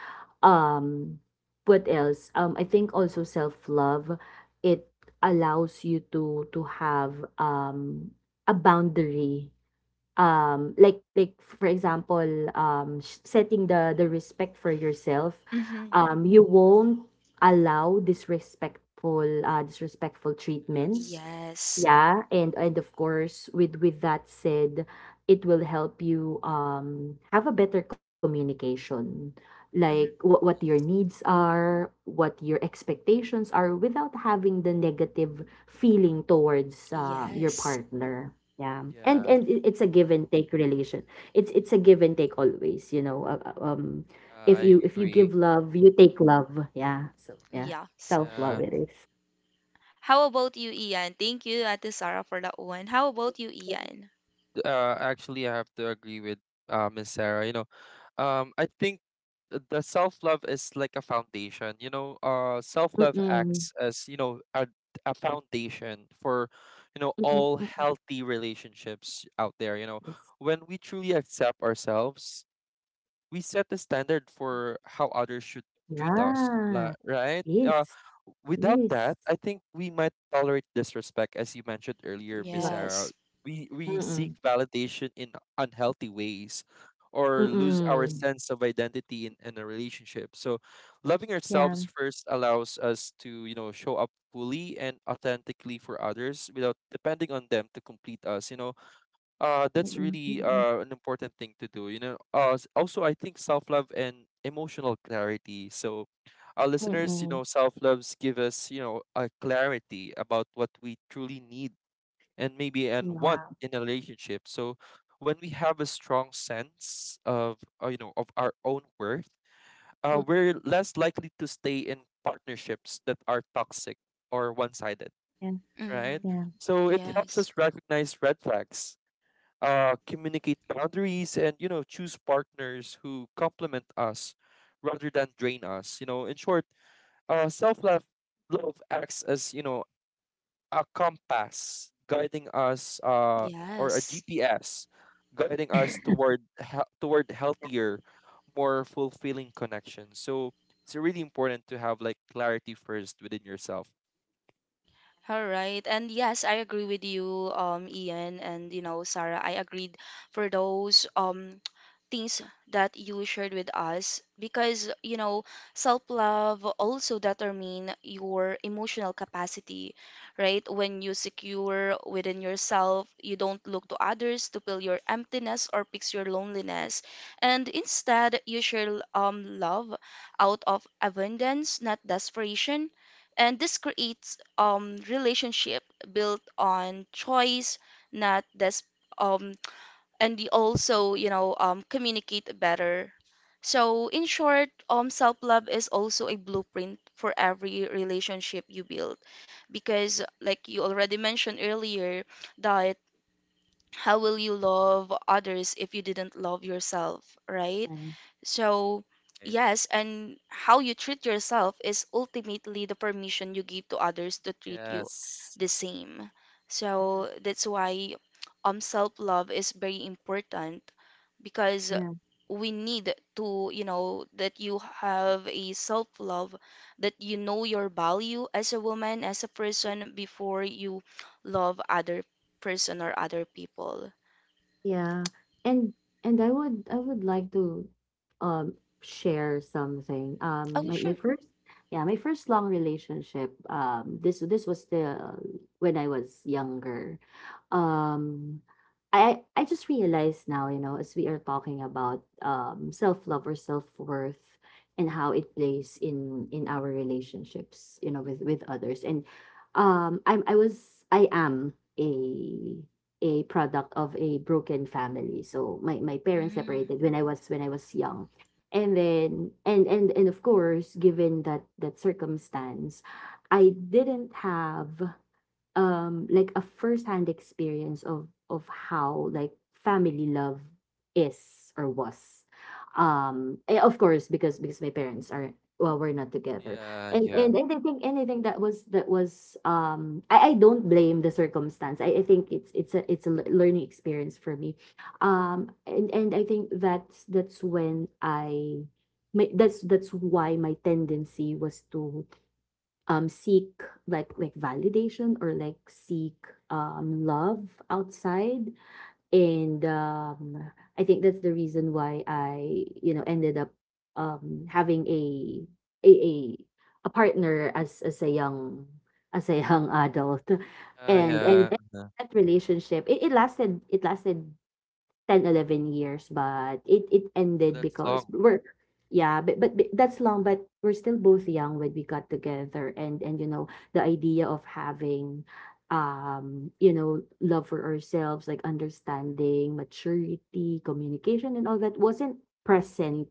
Speaker 3: Um, what else? I think also self love. It allows you to have, um a boundary, like for example, setting the respect for yourself. You won't allow disrespectful, disrespectful treatment.
Speaker 2: Yes,
Speaker 1: Yes.
Speaker 3: Yeah, and of course, with that said, it will help you, have a better communication, like
Speaker 1: Mm-hmm.
Speaker 3: what
Speaker 2: yes.
Speaker 3: your needs are, what your expectations are, without having the negative feeling towards, your
Speaker 1: Yes.
Speaker 3: partner. Yeah, and
Speaker 2: Yeah.
Speaker 3: and it- it's a give and take relation. It's a give and take, always. If
Speaker 2: I
Speaker 3: you give
Speaker 2: agree.
Speaker 3: love, you take love. Yeah, so yeah,
Speaker 1: Yes.
Speaker 3: self love
Speaker 2: Yeah.
Speaker 3: it is.
Speaker 1: How about you, Ian? Thank you, Ate Sarah, for that one. How about you, Ian?
Speaker 2: Actually I have to agree with Miss Sarah. You know, I think the self love is like a foundation. You know, self love
Speaker 3: Mm-mm.
Speaker 2: acts as you know a foundation for you know
Speaker 3: Mm-mm.
Speaker 2: all
Speaker 3: Mm-mm.
Speaker 2: healthy relationships out there. You know,
Speaker 3: Yes.
Speaker 2: when we truly accept ourselves we set the standard for how others should treat us,
Speaker 3: Yeah.
Speaker 2: right?
Speaker 3: Yes,
Speaker 2: Without
Speaker 3: yes.
Speaker 2: that, I think we might tolerate disrespect, as you mentioned earlier, Miss
Speaker 3: Love it.
Speaker 2: Sarah.
Speaker 1: Yes.
Speaker 2: We seek
Speaker 3: Mm,
Speaker 2: validation in unhealthy ways, or lose our
Speaker 3: mm.
Speaker 2: sense of identity in a relationship. So, loving
Speaker 3: Yeah.
Speaker 2: ourselves first allows us to you know show up fully and authentically for others without depending on them to complete us. You know, that's really
Speaker 3: Mm,
Speaker 2: an important thing to do. You know, also I think self-love and emotional clarity. So our
Speaker 3: mm,
Speaker 2: listeners, you
Speaker 3: mm.
Speaker 2: know, self-loves give us you know a clarity about what we truly need and maybe and
Speaker 3: Yeah.
Speaker 2: want in a relationship. So when we have a strong sense of you know of our own worth,
Speaker 3: Mm.
Speaker 2: we're less likely to stay in partnerships that are toxic or one-sided,
Speaker 3: Yeah,
Speaker 1: Mm-hmm.
Speaker 2: right?
Speaker 3: yeah,
Speaker 2: So it helps
Speaker 1: Yes.
Speaker 2: us recognize red flags, communicate boundaries, and you know choose partners who complement us rather than drain us. You know in short, self-love love acts as you know a compass guiding us, or a
Speaker 1: Yes.
Speaker 2: gps guiding us toward toward healthier, more fulfilling connections. So it's really important to have like clarity first within yourself,
Speaker 1: All right. And yes, I agree with you, Ian and you know, Sarah. I agreed for those things that you shared with us because you know, self-love also determine your emotional capacity, right? When you secure within yourself, you don't look to others to fill your emptiness or fix your loneliness, and instead you share love out of abundance, not desperation, and this creates relationship built on choice, not this um and you also, you know, communicate better. So in short, self-love is also a blueprint for every relationship you build because like you already mentioned earlier, that how will you love others if you didn't love yourself, right?
Speaker 3: yeah,
Speaker 1: So,
Speaker 2: right?
Speaker 1: yes, and how you treat yourself is ultimately the permission you give to others to treat you
Speaker 2: Yes,
Speaker 1: the same.
Speaker 3: yeah,
Speaker 1: So, that's why self-love is very important because
Speaker 3: yeah,
Speaker 1: we need to, you know, that you have a self-love, that you know your value as a woman, as a person before you love other person or other people?
Speaker 3: yeah. And and I would like to, um share something.
Speaker 1: Oh,
Speaker 3: My, my
Speaker 1: sure.
Speaker 3: first yeah, my first long relationship. This was the when I was younger. um I just realized now, you know, as we are talking about, self-love or self-worth, and how it plays in our relationships, you know, with others. And I'm I was I am a product of a broken family. So my parents
Speaker 1: Mm.
Speaker 3: separated when I was young. And then and of course, given that circumstance, I didn't have like a first-hand experience of how, like, family love is or was, of course, because my parents are, well, we're not together.
Speaker 2: yeah,
Speaker 3: and
Speaker 2: yeah.
Speaker 3: and, and I think anything that was I don't blame the circumstance. I think it's a learning experience for me. And I think that's why my tendency was to seek, like validation, or, like, seek love outside. And I think that's the reason why I ended up having a a, a partner, as a young, as a young adult. and
Speaker 2: Yeah.
Speaker 3: and, and
Speaker 2: Uh-huh.
Speaker 3: that relationship it lasted 10, 11 years, but it ended
Speaker 2: That's
Speaker 3: because
Speaker 2: long.
Speaker 3: we're — yeah, but that's long, but we're still both young when we got together, and you know, the idea of having, love for ourselves, like understanding, maturity, communication, and all that wasn't present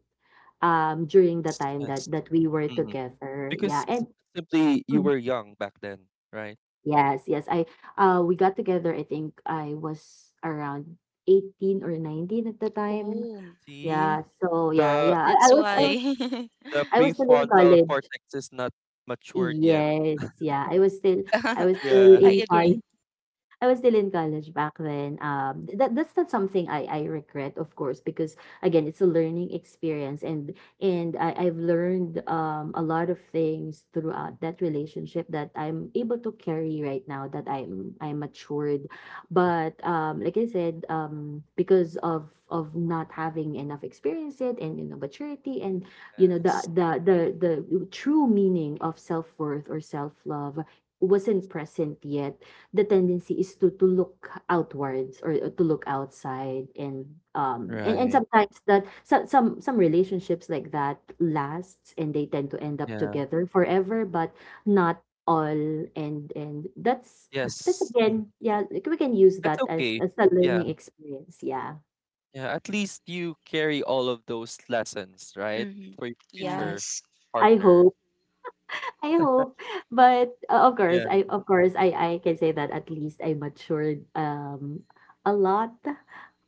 Speaker 3: during the time
Speaker 2: Yes.
Speaker 3: that we were
Speaker 2: Mhm.
Speaker 3: together. Yeah.
Speaker 2: Because
Speaker 3: and
Speaker 2: simply you
Speaker 3: Mhm.
Speaker 2: were young back then, right?
Speaker 3: Yes, yes, I we got together. I think I was around 18 or 19 at the time.
Speaker 1: Oh,
Speaker 2: See,
Speaker 3: Yeah, so, yeah,
Speaker 2: the
Speaker 3: yeah.
Speaker 1: that's
Speaker 3: I was I
Speaker 2: like
Speaker 3: was
Speaker 1: why.
Speaker 2: the
Speaker 3: I was still in
Speaker 2: prefrontal
Speaker 3: college.
Speaker 2: cortex is not matured yet.
Speaker 3: Yes, yeah. I was still
Speaker 1: Yeah,
Speaker 3: I was still
Speaker 2: Yeah.
Speaker 1: I
Speaker 3: in college.
Speaker 1: agree.
Speaker 3: I was still in college back then. That's not something I regret, of course, because, again, it's a learning experience, and I've learned a lot of things throughout that relationship that I'm able to carry right now that I'm matured. But, like I said, because of not having enough experience yet, and, you know, maturity, and, you know, the
Speaker 2: Yes.
Speaker 3: the the the true meaning of self worth or self love wasn't present yet. The tendency is to look outwards, or to look outside. And
Speaker 2: Right.
Speaker 3: sometimes that some relationships like that lasts and they tend to end up
Speaker 2: Yeah.
Speaker 3: together forever, but not all. And that's
Speaker 2: Yes. Mm.
Speaker 3: again — yeah, like, we can use
Speaker 2: That's
Speaker 3: that as
Speaker 2: okay.
Speaker 3: as a
Speaker 2: Yeah.
Speaker 3: learning experience. Yeah.
Speaker 2: Yeah. At least you carry all of those lessons, right?
Speaker 1: hmm
Speaker 2: For your
Speaker 3: Yeah.
Speaker 2: future
Speaker 1: Yes,
Speaker 3: i
Speaker 2: partner.
Speaker 3: hope I hope. But, of course,
Speaker 2: Yeah.
Speaker 3: I can say that, at least, I matured a lot.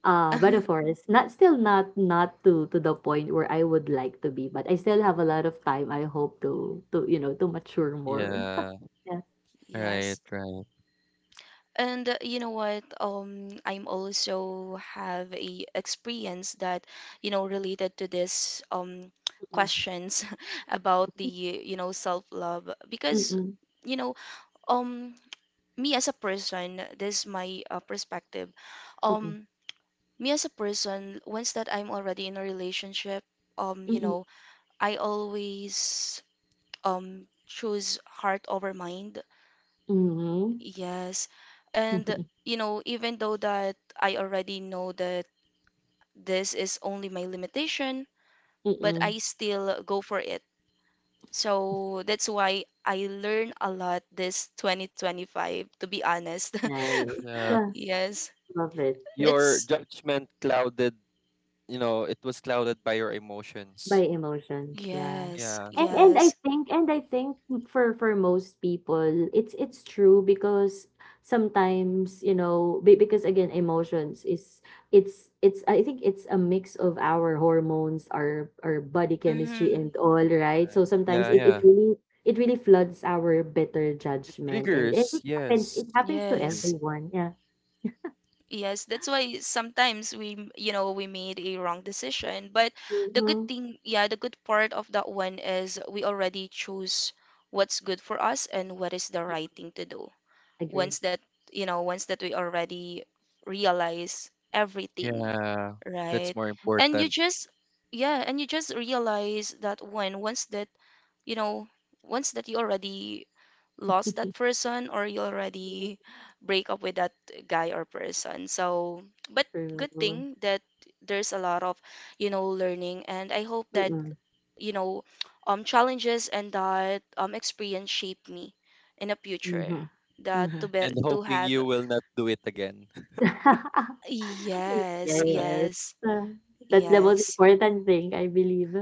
Speaker 3: But, of course, not still not to to the point where I would like to be, but I still have a lot of time. I hope to you know to mature more.
Speaker 2: Yeah.
Speaker 3: Yeah.
Speaker 2: Right.
Speaker 1: yes.
Speaker 2: Right.
Speaker 1: And you know what? I'm also have a experience that, you know, related to this
Speaker 3: Mm-mm.
Speaker 1: questions about the, you know, self-love because,
Speaker 3: Mm-mm.
Speaker 1: you know, um me as a person, this is my perspective.
Speaker 3: Mm-mm.
Speaker 1: Um Me as a person, once that I'm already in a relationship, you
Speaker 3: Mm-mm.
Speaker 1: know, I always choose heart over mind.
Speaker 3: Mm-mm.
Speaker 1: Yes. And you know, even though that I already know that this is only my limitation, but
Speaker 3: Mm-mm.
Speaker 1: I still go for it. So that's why I learn a lot this 2025, to be honest.
Speaker 3: Nice.
Speaker 2: Yeah.
Speaker 3: Ah,
Speaker 1: Yes.
Speaker 3: love it.
Speaker 2: Your
Speaker 1: It's
Speaker 2: judgment clouded, you know, it was clouded by your
Speaker 3: By
Speaker 2: emotions.
Speaker 3: emotions, yeah.
Speaker 1: Yes,
Speaker 2: Yeah,
Speaker 3: And I
Speaker 1: yes.
Speaker 3: think — for most people it's true, because, sometimes, you know, because, again, emotions is — it's I think it's a mix of our hormones, our body chemistry
Speaker 1: hmm
Speaker 3: and all, right? So sometimes
Speaker 2: yeah,
Speaker 3: it
Speaker 2: yeah.
Speaker 3: it really it really floods our better
Speaker 2: It
Speaker 3: judgment, and
Speaker 2: triggers,
Speaker 3: it happens
Speaker 2: yes.
Speaker 3: it happens
Speaker 2: It
Speaker 3: to
Speaker 2: triggers.
Speaker 1: Yes.
Speaker 3: everyone. Yeah.
Speaker 1: Yes, that's why sometimes we, you know, we made a wrong decision. But the good
Speaker 3: Hmm.
Speaker 1: thing, yeah, the good part of that one is we already choose what's good for us and what is the right thing to do.
Speaker 3: Agree.
Speaker 1: Once that, you know, once that we already realize everything,
Speaker 2: Yeah, that's
Speaker 1: right?
Speaker 2: more
Speaker 1: And you
Speaker 2: important.
Speaker 1: just, yeah, and you just realize that one. Once that, you know, once that you already lost that person or you already break up with that guy or person. So, but good
Speaker 3: True.
Speaker 1: thing that there's a lot of, you know, learning and I hope that,
Speaker 3: Mm-hmm.
Speaker 1: you know, challenges and that experience shape me in the future that
Speaker 3: Mm-hmm.
Speaker 1: to be
Speaker 2: And
Speaker 1: to
Speaker 2: hoping
Speaker 1: have
Speaker 2: you will not do it again.
Speaker 1: yes,
Speaker 3: Yes,
Speaker 1: yes,
Speaker 3: ah, that's the most
Speaker 1: yes.
Speaker 3: important thing, I believe.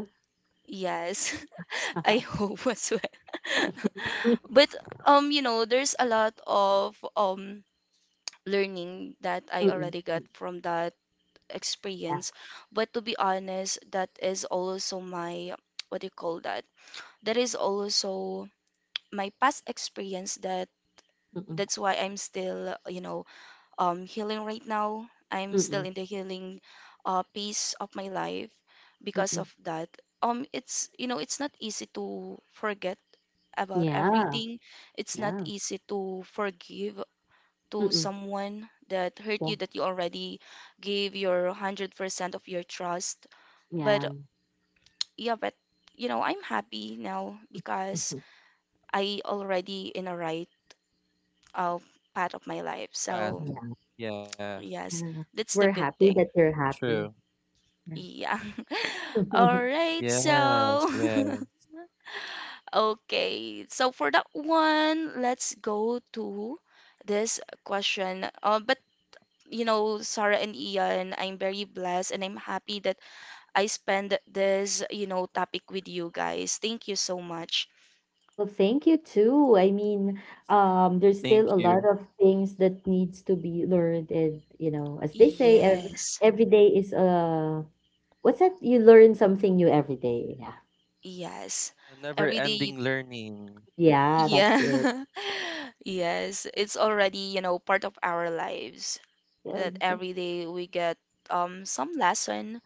Speaker 1: Yes, I hope as well. But you know, there's a lot of learning that I
Speaker 3: Mm,
Speaker 1: already got
Speaker 3: mm,
Speaker 1: from that
Speaker 3: yeah,
Speaker 1: experience. But to be honest, that is also my, what do you call that? That is also my past experience that
Speaker 3: mm,
Speaker 1: that's why I'm still, you know, healing right now. I'm still
Speaker 3: mm,
Speaker 1: in the healing piece of my life because
Speaker 3: mm,
Speaker 1: of that. It's, you know, it's not easy to forget about
Speaker 3: yeah,
Speaker 1: everything. It's not
Speaker 3: yeah,
Speaker 1: easy to forgive to
Speaker 3: mm,
Speaker 1: someone that hurt you that you already gave your 100% of your trust.
Speaker 3: yeah,
Speaker 1: But
Speaker 3: yeah.
Speaker 1: yeah, but you know, I'm happy now because I already in a right uh, part of my life.
Speaker 2: Path.
Speaker 1: So
Speaker 3: Yeah.
Speaker 2: Yeah,
Speaker 1: yes,
Speaker 3: Yeah.
Speaker 1: that's the
Speaker 3: We're
Speaker 1: good
Speaker 3: happy that
Speaker 1: thing.
Speaker 3: you're
Speaker 2: true.
Speaker 3: happy. Yeah.
Speaker 1: Yeah. All right,
Speaker 2: Yes, yeah.
Speaker 1: so okay. So for that one, let's go to this question. But you know, Sarah and Ian, I'm very blessed and I'm happy that I spend this, you know, topic with you guys. Thank you so much.
Speaker 3: Well, thank you too. I mean, there's
Speaker 2: Thank
Speaker 3: still a
Speaker 2: you.
Speaker 3: lot of things that needs to be learned, and, you know, as they say,
Speaker 1: Yes.
Speaker 3: every day is, what's that? You learn something new every day. Yeah.
Speaker 1: Yes.
Speaker 2: Yeah, never
Speaker 1: Every day you
Speaker 2: ending learning.
Speaker 3: Yeah, that's it.
Speaker 1: yeah. Yes, it's already, you know, part of our lives
Speaker 3: Yeah.
Speaker 1: that every day we get some lesson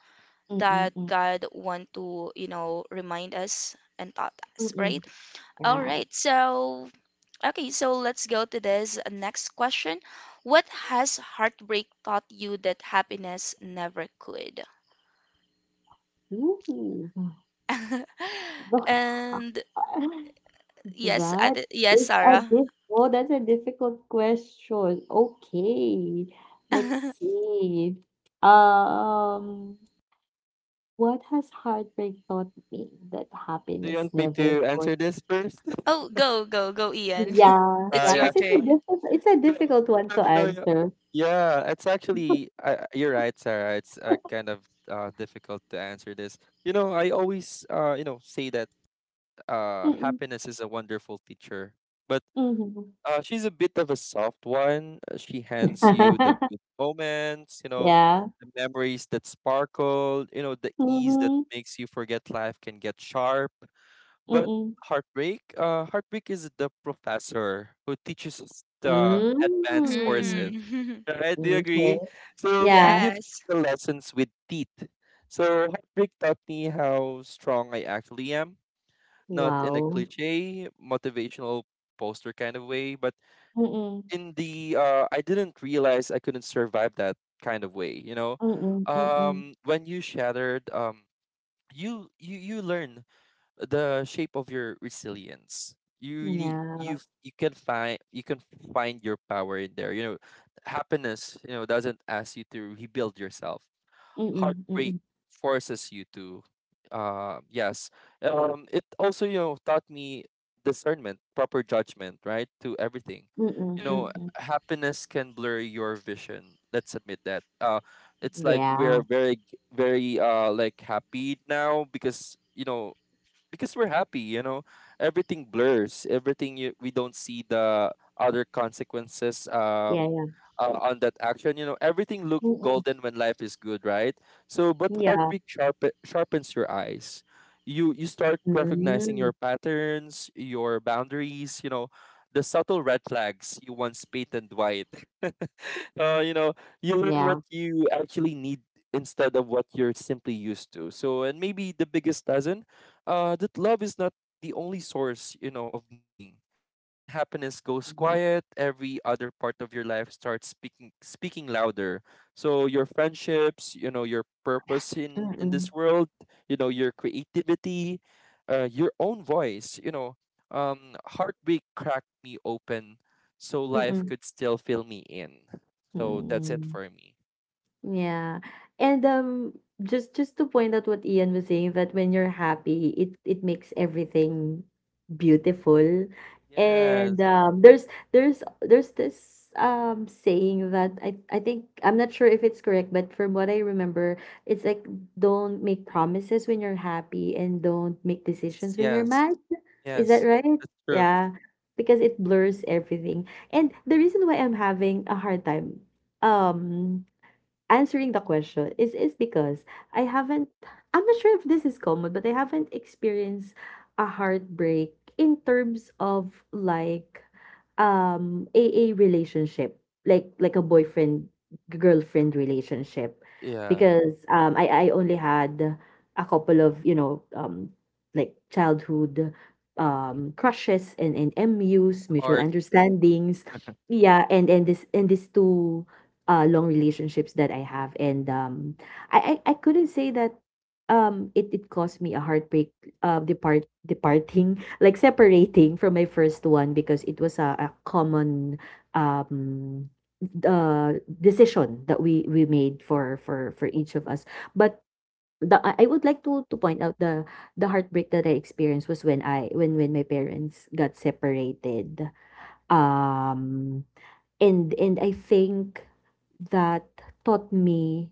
Speaker 3: Mm,
Speaker 1: that
Speaker 3: mm,
Speaker 1: God want to, you know, remind us and taught us,
Speaker 3: mm.
Speaker 1: right? All
Speaker 3: Yeah.
Speaker 1: right. So, okay, so let's go to this next question. What has heartbreak taught you that happiness never could?
Speaker 3: Ooh.
Speaker 1: And yes, at
Speaker 3: That
Speaker 1: yes,
Speaker 3: is a
Speaker 1: Sarah.
Speaker 3: diff Oh, that's a difficult question. Okay, let's see. Um, what has heartbreak taught me that
Speaker 2: Do you want
Speaker 3: happiness
Speaker 2: me to
Speaker 3: never
Speaker 2: answer
Speaker 3: could?
Speaker 2: this first?
Speaker 1: Oh, go, go, go, Ian.
Speaker 3: Yeah,
Speaker 2: Ah,
Speaker 1: It's
Speaker 3: yeah,
Speaker 1: your
Speaker 2: yeah.
Speaker 3: kasi
Speaker 1: turn.
Speaker 3: it's a
Speaker 2: You know-
Speaker 3: difficult one
Speaker 2: you
Speaker 3: to
Speaker 2: know, you know,
Speaker 3: answer.
Speaker 2: Yeah, it's actually, I, you're right, Sarah. It's kind of difficult to answer this. You know, I always, you know, say that
Speaker 3: Mm,
Speaker 2: happiness is a wonderful teacher, but
Speaker 3: mm, mhm.
Speaker 2: she's a bit of a soft one. She hands you the good moments, you know,
Speaker 3: Yeah.
Speaker 2: the memories that sparkle, you know, the ease that
Speaker 3: Mhm,
Speaker 2: makes you forget life can get sharp. But
Speaker 3: mm.
Speaker 2: heartbreak is the professor who teaches us the advanced
Speaker 3: Hmm,
Speaker 2: courses,
Speaker 1: Mm.
Speaker 2: right? Do you
Speaker 3: okay.
Speaker 2: agree? So she
Speaker 3: Yeah.
Speaker 2: gives
Speaker 1: Yes.
Speaker 2: the lessons with teeth. So heartbreak taught me how strong I actually am, not in a
Speaker 3: Wow.
Speaker 2: cliche motivational poster kind of way, but
Speaker 3: Mm,
Speaker 2: in the, I didn't realize I couldn't survive that kind of way. You know,
Speaker 3: mm, mm.
Speaker 2: when you shattered, you learn the shape of your resilience. You really, you
Speaker 3: Yeah.
Speaker 2: you can find, you can find your power in there. You know, happiness, you know, doesn't ask you to rebuild yourself.
Speaker 3: Mm,
Speaker 2: Heartbreak
Speaker 3: mm,
Speaker 2: forces you to. Yes. It also, taught me discernment, proper judgment, right, to everything.
Speaker 3: mm,
Speaker 2: You
Speaker 1: Mm-hmm.
Speaker 2: know,
Speaker 3: mm.
Speaker 2: happiness can blur your vision. Let's admit that. It's like
Speaker 3: Yeah.
Speaker 2: we're very, g- very like happy now because, because we're happy, you know, everything blurs everything, we don't see the other consequences,
Speaker 3: Yeah, yeah.
Speaker 2: on that action. You know, everything look
Speaker 3: Mm,
Speaker 2: golden when life is good, right? So but
Speaker 3: yeah.
Speaker 2: heartbreak sharpens your eyes. You start recognizing
Speaker 3: Mm,
Speaker 2: your patterns, your
Speaker 1: Mm-hmm.
Speaker 2: boundaries, you know, the subtle red flags you once painted white. uh, you know, you learn what
Speaker 3: yeah.
Speaker 2: you actually need instead of what you're simply used to. So, and maybe the biggest lesson, that love is not the only source, you know, of meaning. When happiness goes
Speaker 3: Yeah.
Speaker 2: quiet, every other part of your life starts speaking louder. So your friendships, you know, your purpose in
Speaker 3: Mm,
Speaker 2: this world, you know, your creativity, your own voice, heartbreak cracked me open so life
Speaker 3: mm,
Speaker 2: could still fill me in. So that's it
Speaker 3: mm.
Speaker 2: for me.
Speaker 3: Yeah. And, just to point out what Ian was saying, that when you're happy, it makes everything beautiful. And
Speaker 2: Yes,
Speaker 3: um there's this saying that — I think, I'm not sure if it's correct, but from what I remember, it's like, don't make promises when you're happy, and don't make
Speaker 2: yes,
Speaker 3: decisions when you're
Speaker 2: yes,
Speaker 3: mad. Is that
Speaker 2: yes.
Speaker 3: right?
Speaker 2: That's true.
Speaker 3: Yeah. Because it blurs everything. And the reason why I'm having a hard time um answering the question is because I haven't I'm not sure if this is common, but I haven't experienced a heartbreak in terms of, like, a relationship, like a boyfriend girlfriend relationship,
Speaker 2: Yeah,
Speaker 3: because I only had a couple of, you know, like, childhood crushes, and, MUs, mutual
Speaker 2: hard.
Speaker 3: understandings. Yeah, and this and these two long relationships that I have. And, I couldn't say that it caused me a heartbreak departing like, separating from my first one, because it was a common um decision that we made for each of us. But the — I would like to point out, the heartbreak that I experienced was when I when my parents got separated. Um and and I think that taught me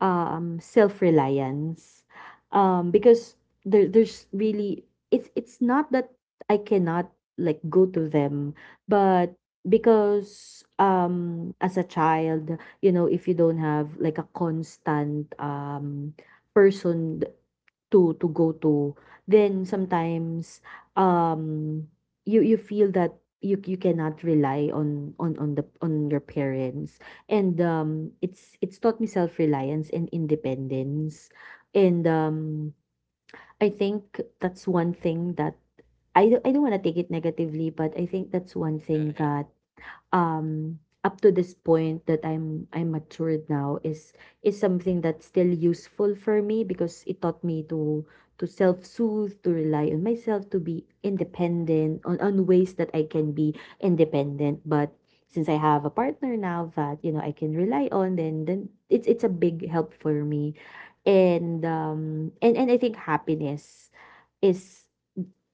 Speaker 3: self-reliance, because there's really — it's not that I cannot, like, go to them, but because, as a child, you know, if you don't have, like, a constant person to go to, then, sometimes, um, you feel that you cannot rely on your parents, and, it's taught me self-reliance and independence. And, I think that's one thing that — I don't want to take it negatively, but I think that's one
Speaker 2: Yeah,
Speaker 3: thing
Speaker 2: yeah.
Speaker 3: that, um up to this point, that I'm matured now, is something that's still useful for me, because it taught me to self-soothe, to rely on myself, to be independent on ways that I can be independent. But since I have a partner now that, you know, I can rely on, then, it's a big help for me. And I think happiness is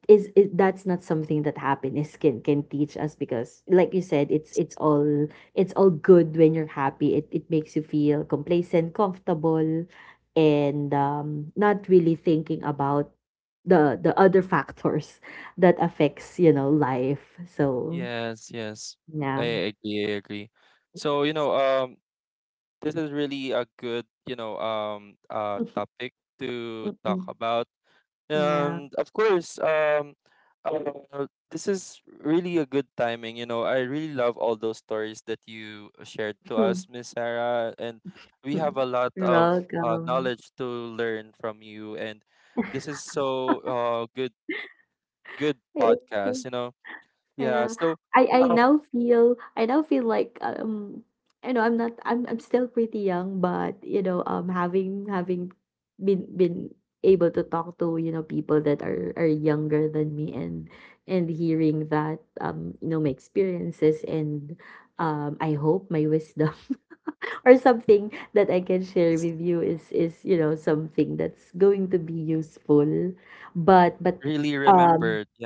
Speaker 3: is that's not something that happiness can teach us, because, like you said, it's all good when you're happy. It makes you feel complacent, comfortable, and, not really thinking about the other factors that affects, you know, life. So,
Speaker 2: Yes, yes.
Speaker 3: yeah.
Speaker 2: I agree. So, this is really a good, topic to talk
Speaker 3: Mm-mm.
Speaker 2: about.
Speaker 3: Yeah.
Speaker 2: And of course, this is really a good timing. You know, I really love all those stories that you shared to us, Miss Sarah, and we have a lot
Speaker 3: You're
Speaker 2: of
Speaker 3: welcome.
Speaker 2: knowledge to learn from you. And this is so good
Speaker 3: Thank
Speaker 2: podcast.
Speaker 3: you.
Speaker 2: You know, yeah.
Speaker 3: Yeah,
Speaker 2: So
Speaker 3: I
Speaker 2: I don't
Speaker 3: now feel — like, you know, I'm not — I'm still pretty young, but, you know, having been able to talk to, you know, people that are younger than me, and hearing that, you know, my experiences, and, I hope my wisdom or something that I can share with you is, you know, something that's going to be useful. but but
Speaker 2: really remembered.
Speaker 3: um
Speaker 2: Yeah,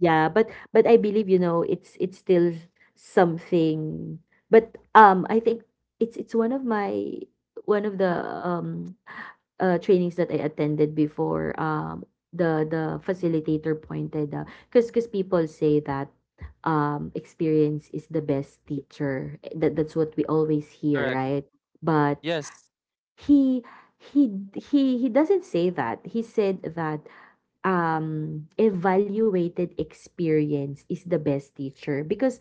Speaker 3: yeah, but I believe, you know, it's still something. But, I think it's one of my — one of the trainings that I attended before, the facilitator pointed out, because, people say that, experience is the best teacher. That's what we always hear,
Speaker 2: correct.
Speaker 3: right? But
Speaker 2: Yes.
Speaker 3: he he doesn't say that. He said that, evaluated experience is the best teacher, because —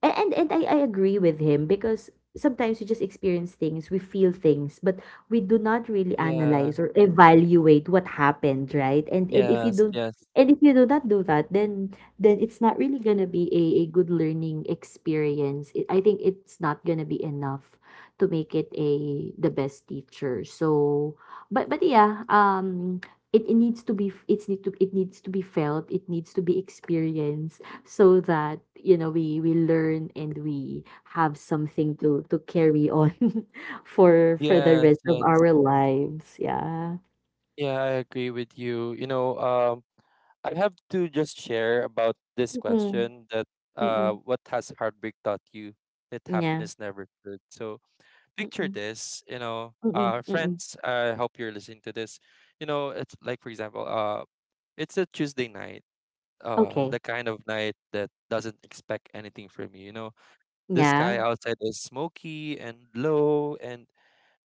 Speaker 3: and I agree with him, because sometimes we just experience things, we feel things, but we do not really analyze
Speaker 2: Yeah.
Speaker 3: or evaluate what happened, right? And if you
Speaker 2: Yes.
Speaker 3: don't —
Speaker 2: Yes.
Speaker 3: and if you do not do that, then, it's not really gonna be a good learning experience. I think it's not gonna be enough to make it a the best teacher. So, but yeah, it needs to be it needs to be felt, it needs to be experienced, so that, you know, we learn and we have something to carry on for the
Speaker 2: Yes.
Speaker 3: rest of
Speaker 2: Yes.
Speaker 3: our lives. Yeah.
Speaker 2: Yeah, I agree with you. I have to just share about this
Speaker 3: Mm-mm,
Speaker 2: question that
Speaker 3: mm-mm,
Speaker 2: what has heartbreak taught you that
Speaker 3: yeah,
Speaker 2: happiness never could? So picture
Speaker 3: mm-mm,
Speaker 2: this,
Speaker 3: mm-mm, mm-mm.
Speaker 2: friends. I hope you're listening to this. You know, it's like for example, it's a Tuesday night,
Speaker 3: Okay.
Speaker 2: the kind of night that doesn't expect anything from you. You know, the
Speaker 3: Yeah.
Speaker 2: sky outside is smoky and low, and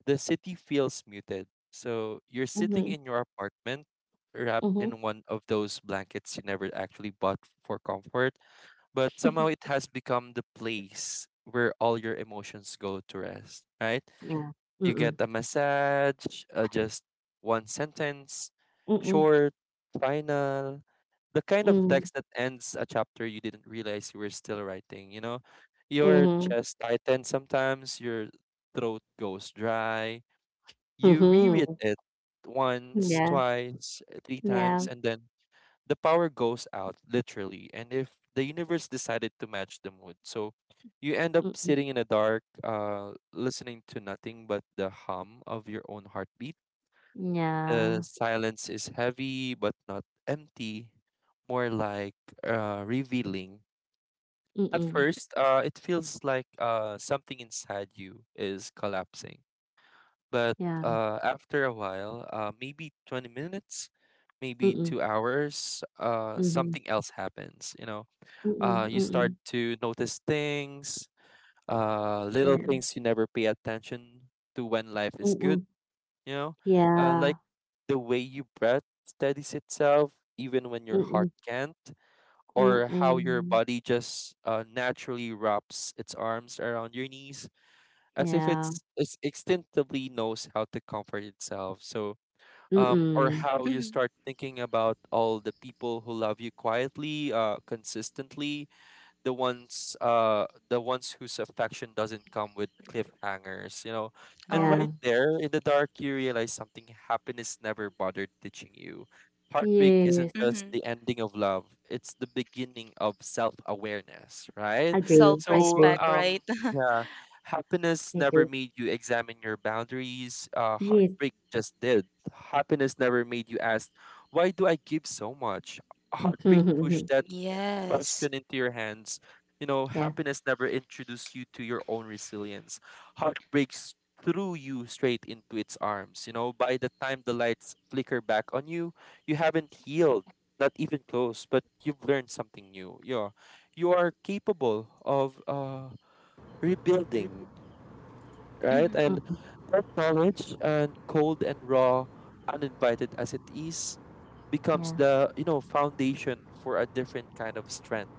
Speaker 2: the city feels muted. So you're sitting
Speaker 3: Mm-hmm,
Speaker 2: in your apartment, wrapped
Speaker 3: mm-hmm.
Speaker 2: in one of those blankets you never actually bought for comfort, but somehow it has become the place where all your emotions go to rest, right?
Speaker 3: Yeah.
Speaker 2: You get
Speaker 3: Mm-mm,
Speaker 2: a massage, just one sentence,
Speaker 3: mm-mm,
Speaker 2: short, final, the kind of
Speaker 3: mm,
Speaker 2: text that ends a chapter you didn't realize you were still writing, you know? Your
Speaker 3: mm-hmm, mm,
Speaker 2: chest tightens sometimes, your throat goes dry,
Speaker 3: mm,
Speaker 2: you reread
Speaker 3: hmm,
Speaker 2: it
Speaker 3: hmm,
Speaker 2: once,
Speaker 3: yeah,
Speaker 2: twice, three
Speaker 3: yeah,
Speaker 2: times, and then the power goes out, literally. And if the universe decided to match the mood, so you end up
Speaker 3: mm-mm,
Speaker 2: sitting in the dark, listening to nothing but the hum of your own heartbeat. The
Speaker 3: yeah,
Speaker 2: silence is heavy but not empty, more like revealing. At
Speaker 3: mm-mm,
Speaker 2: first, it feels like something inside you is collapsing, but
Speaker 3: yeah,
Speaker 2: after a while, maybe 20 minutes, maybe
Speaker 3: mm,
Speaker 2: 2 hours,
Speaker 3: mm-hmm,
Speaker 2: something else happens. You know,
Speaker 3: mm-mm,
Speaker 2: you
Speaker 3: mm-mm,
Speaker 2: start to notice things, little
Speaker 3: yeah,
Speaker 2: things you never pay attention to when life is good.
Speaker 3: mm-mm,
Speaker 2: You know,
Speaker 3: yeah,
Speaker 2: like the way your breath steadies itself, even when your
Speaker 3: mm-mm.
Speaker 2: heart can't, or how your
Speaker 3: Mm.
Speaker 2: body just naturally wraps its arms around your knees as if
Speaker 3: Yeah.
Speaker 2: it's it's instinctively knows how to comfort itself. So or
Speaker 3: Mm.
Speaker 2: how you
Speaker 1: Mm-hmm.
Speaker 2: start thinking about all the people who love you quietly, consistently, the ones whose affection doesn't come with cliffhangers, you know. And
Speaker 3: Yeah.
Speaker 2: right
Speaker 1: Uh-huh.
Speaker 2: there in the dark you realize something happiness never bothered teaching you. Heartbreak isn't
Speaker 3: Yes.
Speaker 2: just
Speaker 1: Mm-hmm.
Speaker 2: the ending of love, it's the beginning of self-awareness, right?
Speaker 3: Agree.
Speaker 2: So
Speaker 3: Agree.
Speaker 1: Self-respect,
Speaker 2: um
Speaker 1: right?
Speaker 2: yeah, happiness never
Speaker 3: Agree.
Speaker 2: made you examine your boundaries.
Speaker 3: Yes.
Speaker 2: Heartbreak just did. Happiness never made you ask, why do I give so much? Heartbreak pushed that
Speaker 1: Yes.
Speaker 2: question into your hands. You know,
Speaker 3: Yeah.
Speaker 2: happiness never introduced you to your own resilience. Heartbreaks threw you straight into its arms. You know, by the time the lights flicker back on you, you haven't healed, not even close, but you've learned something new. Yeah. You are capable of rebuilding, right?
Speaker 1: Mm-hmm.
Speaker 2: And
Speaker 3: Mm.
Speaker 2: that knowledge and cold and raw, uninvited as it is, becomes
Speaker 3: Yeah.
Speaker 2: the, you know, foundation for a different kind of strength,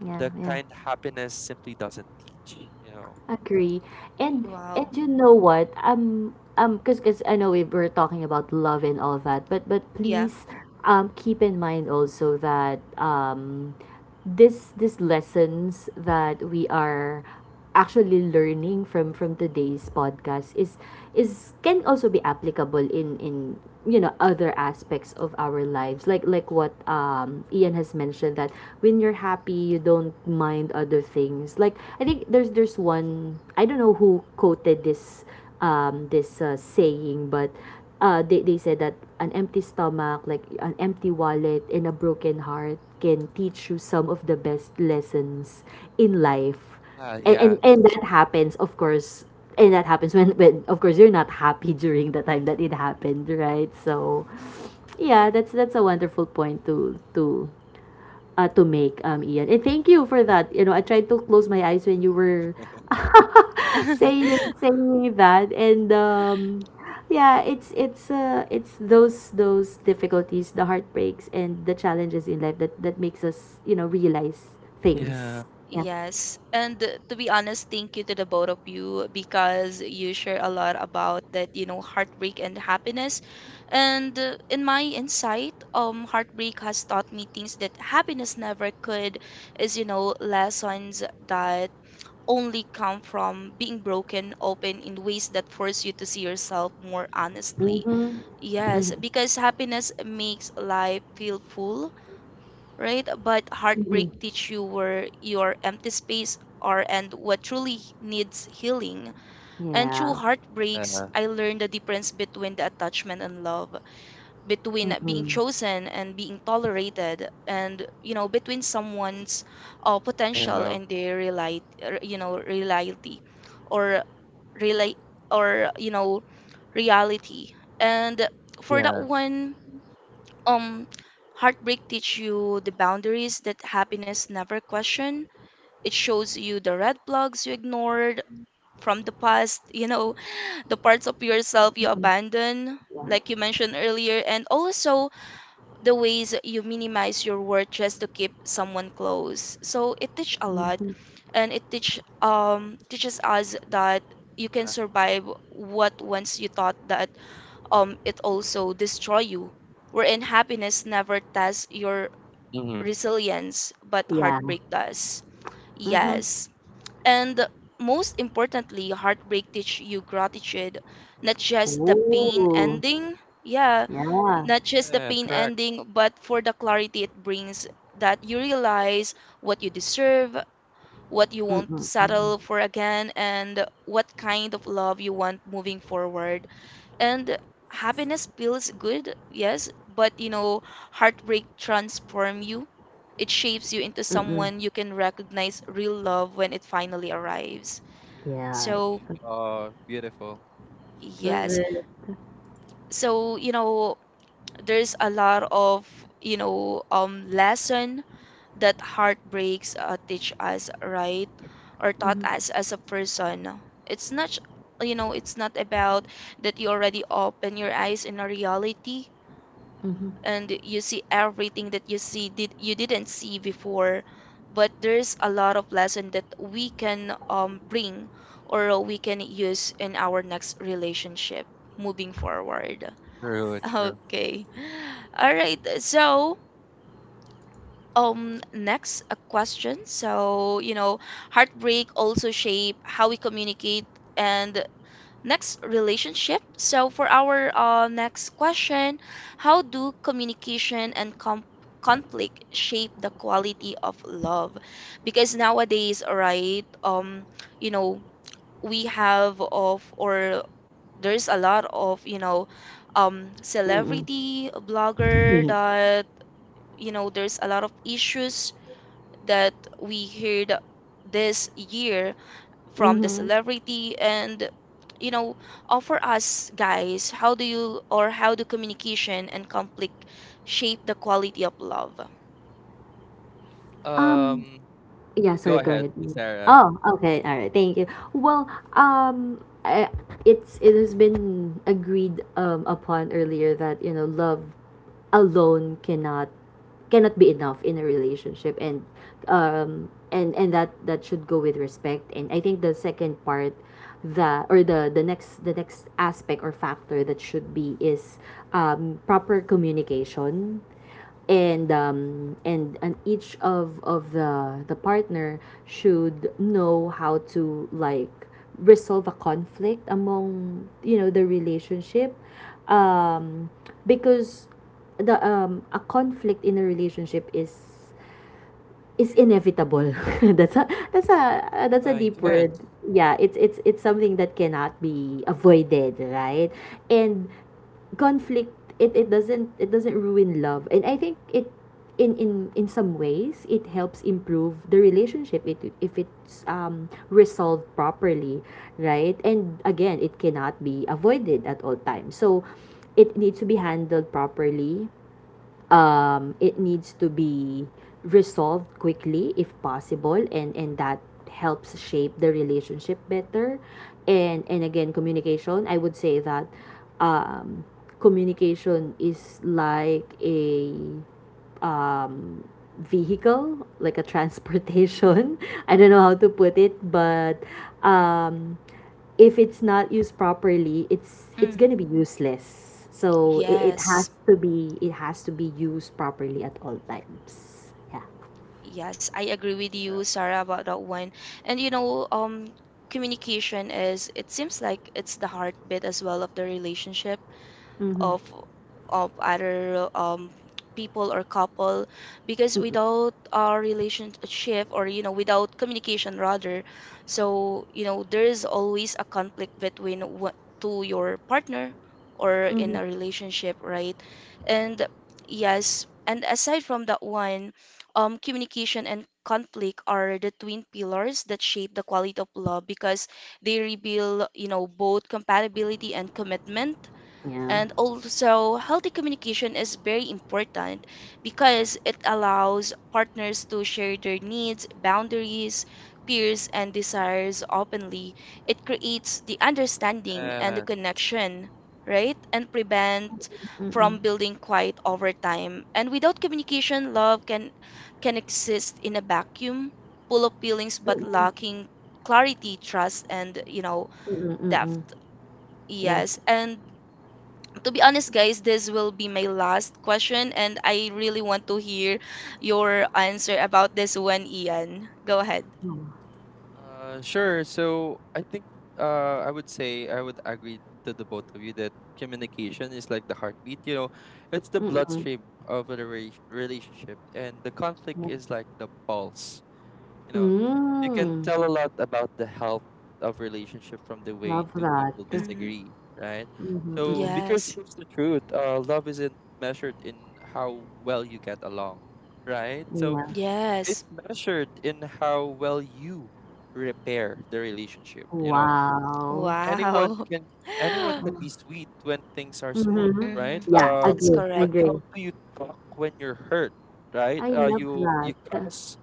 Speaker 3: Yeah.
Speaker 2: the
Speaker 3: Yeah.
Speaker 2: kind happiness simply doesn't teach, you know.
Speaker 3: Agree. And and
Speaker 1: Wow.
Speaker 3: you know what? Cuz I know we were talking about love and all that, but,
Speaker 1: Yeah.
Speaker 3: please, keep in mind also that, this lessons that we are actually learning from, today's podcast is can also be applicable in, you know, other aspects of our lives, like what, Ian has mentioned, that when you're happy, you don't mind other things. Like, I think there's — one, I don't know who quoted this this, saying, but, they, said that an empty stomach, like an empty wallet, and a broken heart can teach you some of the best lessons in life.
Speaker 2: Right.
Speaker 3: And,
Speaker 2: Yeah,
Speaker 3: and, and that happens, of course, and that happens when, of course, you're not happy during the time that it happened, right? So, yeah, that's a wonderful point to make, Ian. And thank you for that. You know, I tried to close my eyes when you were
Speaker 2: y-
Speaker 3: saying saying that, and, yeah, it's those, difficulties, the heartbreaks and the challenges in life, that makes us, you know, realize
Speaker 2: yeah.
Speaker 3: things. Yeah.
Speaker 1: Yes, and to be honest, thank you to the both of you because you share a lot about that, you know, heartbreak and happiness. And in my insight, heartbreak has taught me things that happiness never could, is, you know, lessons that only come from being broken open in ways that force you to see yourself more honestly.
Speaker 3: Mm-hmm.
Speaker 1: Yes,
Speaker 3: Mm-hmm,
Speaker 1: because happiness makes life feel full, right? But
Speaker 3: mm-hmm.
Speaker 1: heartbreak teach you where your empty space are and what truly needs healing. And through
Speaker 3: Yeah.
Speaker 1: heartbreaks,
Speaker 2: uh,
Speaker 1: I learned the difference between the attachment and love, between being
Speaker 3: Mm-hmm.
Speaker 1: chosen and being tolerated, and you know, between someone's
Speaker 2: you
Speaker 1: potential
Speaker 2: know,
Speaker 1: and their reality, you know, reality, or relate, or you know, reality. And
Speaker 2: yeah,
Speaker 1: for that one um, heartbreak teach you the boundaries that happiness never questioned. It shows you the red flags you ignored from the past, you know, the parts of yourself you
Speaker 3: Mm-hmm.
Speaker 1: abandon,
Speaker 3: Yeah.
Speaker 1: like you mentioned earlier, and also the ways you minimize your worth just to keep someone close. So it teach a lot,
Speaker 3: Mm-hmm.
Speaker 1: and it teach teaches us that you can
Speaker 2: uh,
Speaker 1: survive what once you thought that it also destroy you. Wherein happiness never tests your
Speaker 2: mm-hmm.
Speaker 1: resilience, but
Speaker 3: Yeah.
Speaker 1: heartbreak does.
Speaker 3: Mm-hmm.
Speaker 1: Yes. And most importantly, heartbreak teach you gratitude, not just the pain
Speaker 3: Oh.
Speaker 1: ending. Yeah,
Speaker 3: Yeah.
Speaker 1: not just the
Speaker 2: Yeah,
Speaker 1: pain
Speaker 2: correct.
Speaker 1: ending, but for the clarity it brings that you realize what you deserve, what you won't
Speaker 3: Mm-hmm. Mm-hmm.
Speaker 1: settle for again, and what kind of love you want moving forward. And happiness feels good, yes, but heartbreak transform you. It shapes you into
Speaker 3: Mm-hmm.
Speaker 1: someone you can recognize real love when it finally arrives.
Speaker 3: Yes.
Speaker 1: So
Speaker 3: I
Speaker 2: Oh, beautiful.
Speaker 3: love
Speaker 1: yes.
Speaker 3: it.
Speaker 1: So there's a lot of lesson that heartbreaks teach us, right? Or taught
Speaker 3: Mm-hmm.
Speaker 1: us as a person. It's not it's not about that you already open your eyes in a reality
Speaker 3: Mm-hmm.
Speaker 1: and you see everything that you see did you didn't see before. But there's a lot of lesson that we can bring or we can use in our next relationship moving forward.
Speaker 2: True, true.
Speaker 1: Okay, all right. So next a question. So heartbreak also shape how we communicate and next relationship. So, for our next question, how do communication and conflict shape the quality of love? Because nowadays, right, you know, we have of, or there's a lot of,
Speaker 3: Mm-hmm.
Speaker 1: celebrity blogger
Speaker 3: Mm-hmm.
Speaker 1: that, there's a lot of issues that we heard this year from the
Speaker 3: Mm-hmm.
Speaker 1: celebrity. And you know offer us guys, how do you, or how do communication and conflict shape the quality of love?
Speaker 3: Um,
Speaker 2: Um,
Speaker 3: Yeah, sorry,
Speaker 2: Go
Speaker 3: go
Speaker 2: ahead,
Speaker 3: ahead. Mm.
Speaker 2: Sarah.
Speaker 3: Oh, okay. All right. Thank you. Well, um I, it has been agreed upon earlier that, you know, love alone cannot be enough in a relationship, and, that should go with respect. And I think the second part — the next — aspect or factor that should be is proper communication. And, each of the partner should know how to, like, resolve a conflict among, you know, the relationship, um because the a conflict in a relationship is inevitable. that's a that's a deep
Speaker 2: Yes,
Speaker 3: word. Yeah, it's something that cannot be avoided, right? And conflict — it doesn't ruin love. And I think it in, some ways it helps improve the relationship, if it's resolved properly, right? And, again, it cannot be avoided at all times. So it needs to be handled properly, it needs to be resolved quickly if possible, and that helps shape the relationship better. And, again, communication — I would say that, um, communication is like a vehicle, like a transportation. I don't know how to put it, but, um, if it's not used properly, it's
Speaker 1: Mm,
Speaker 3: gonna be useless. So it, it has
Speaker 1: yes.
Speaker 3: to be it has to be used properly at all times. Yeah.
Speaker 1: Yes, I agree with you,
Speaker 2: yeah,
Speaker 1: Sarah, about that one. And communication is, it seems like it's the heartbeat as well of the relationship,
Speaker 3: Mm-hmm.
Speaker 1: of of other people or couple, because
Speaker 3: Mm-mm.
Speaker 1: without our relationship, or without communication rather. So there is always a conflict between what to your partner or in a relationship, right? And yes, and aside from that one, communication and conflict are the twin pillars that shape the quality of love, because they reveal both compatibility and commitment.
Speaker 3: Yeah.
Speaker 1: And also, healthy communication is very important, because it allows partners to share their needs, boundaries, fears, and desires openly. It creates the understanding and the
Speaker 2: yeah.
Speaker 1: connection, right? And prevent from
Speaker 3: Mm-mm.
Speaker 1: building quiet over time. And without communication, love can exist in a vacuum, full of feelings but
Speaker 3: Mm-mm.
Speaker 1: lacking clarity, trust, and
Speaker 3: Mm-mm. Mm-mm.
Speaker 1: depth.
Speaker 3: Yeah.
Speaker 1: Yes, and to be honest, guys, this will be my last question, and I really want to hear your answer about this one, Ian. Go ahead.
Speaker 3: Mm.
Speaker 2: Sure. So I think I would say I would agree to the both of you that communication is like the heartbeat. You know, it's the
Speaker 3: Mm-mm.
Speaker 2: bloodstream of a relationship, and the conflict
Speaker 3: Yeah.
Speaker 2: is like the pulse. You know, you can
Speaker 3: Mm.
Speaker 2: tell a lot about the health of relationship from the way
Speaker 3: Love
Speaker 2: two
Speaker 3: that.
Speaker 2: people
Speaker 1: Hmm.
Speaker 2: disagree, right?
Speaker 3: Mm-hmm.
Speaker 2: So
Speaker 3: Mm-mm.
Speaker 2: because
Speaker 1: Yes.
Speaker 2: here's the truth, love isn't measured in how well you get along, right? So
Speaker 3: Yeah.
Speaker 1: Yes.
Speaker 2: it's measured in how well you repair the relationship. You know,
Speaker 3: Wow.
Speaker 2: anyone
Speaker 1: Wow.
Speaker 2: can anyone can be sweet when things are smooth,
Speaker 3: Mhm.
Speaker 1: Hmm.
Speaker 2: right?
Speaker 3: Yeah,
Speaker 1: That's
Speaker 3: agree,
Speaker 2: But
Speaker 1: correct.
Speaker 2: how
Speaker 3: agree.
Speaker 2: do you talk when you're hurt, right?
Speaker 3: I love
Speaker 2: You
Speaker 3: that.
Speaker 2: curse,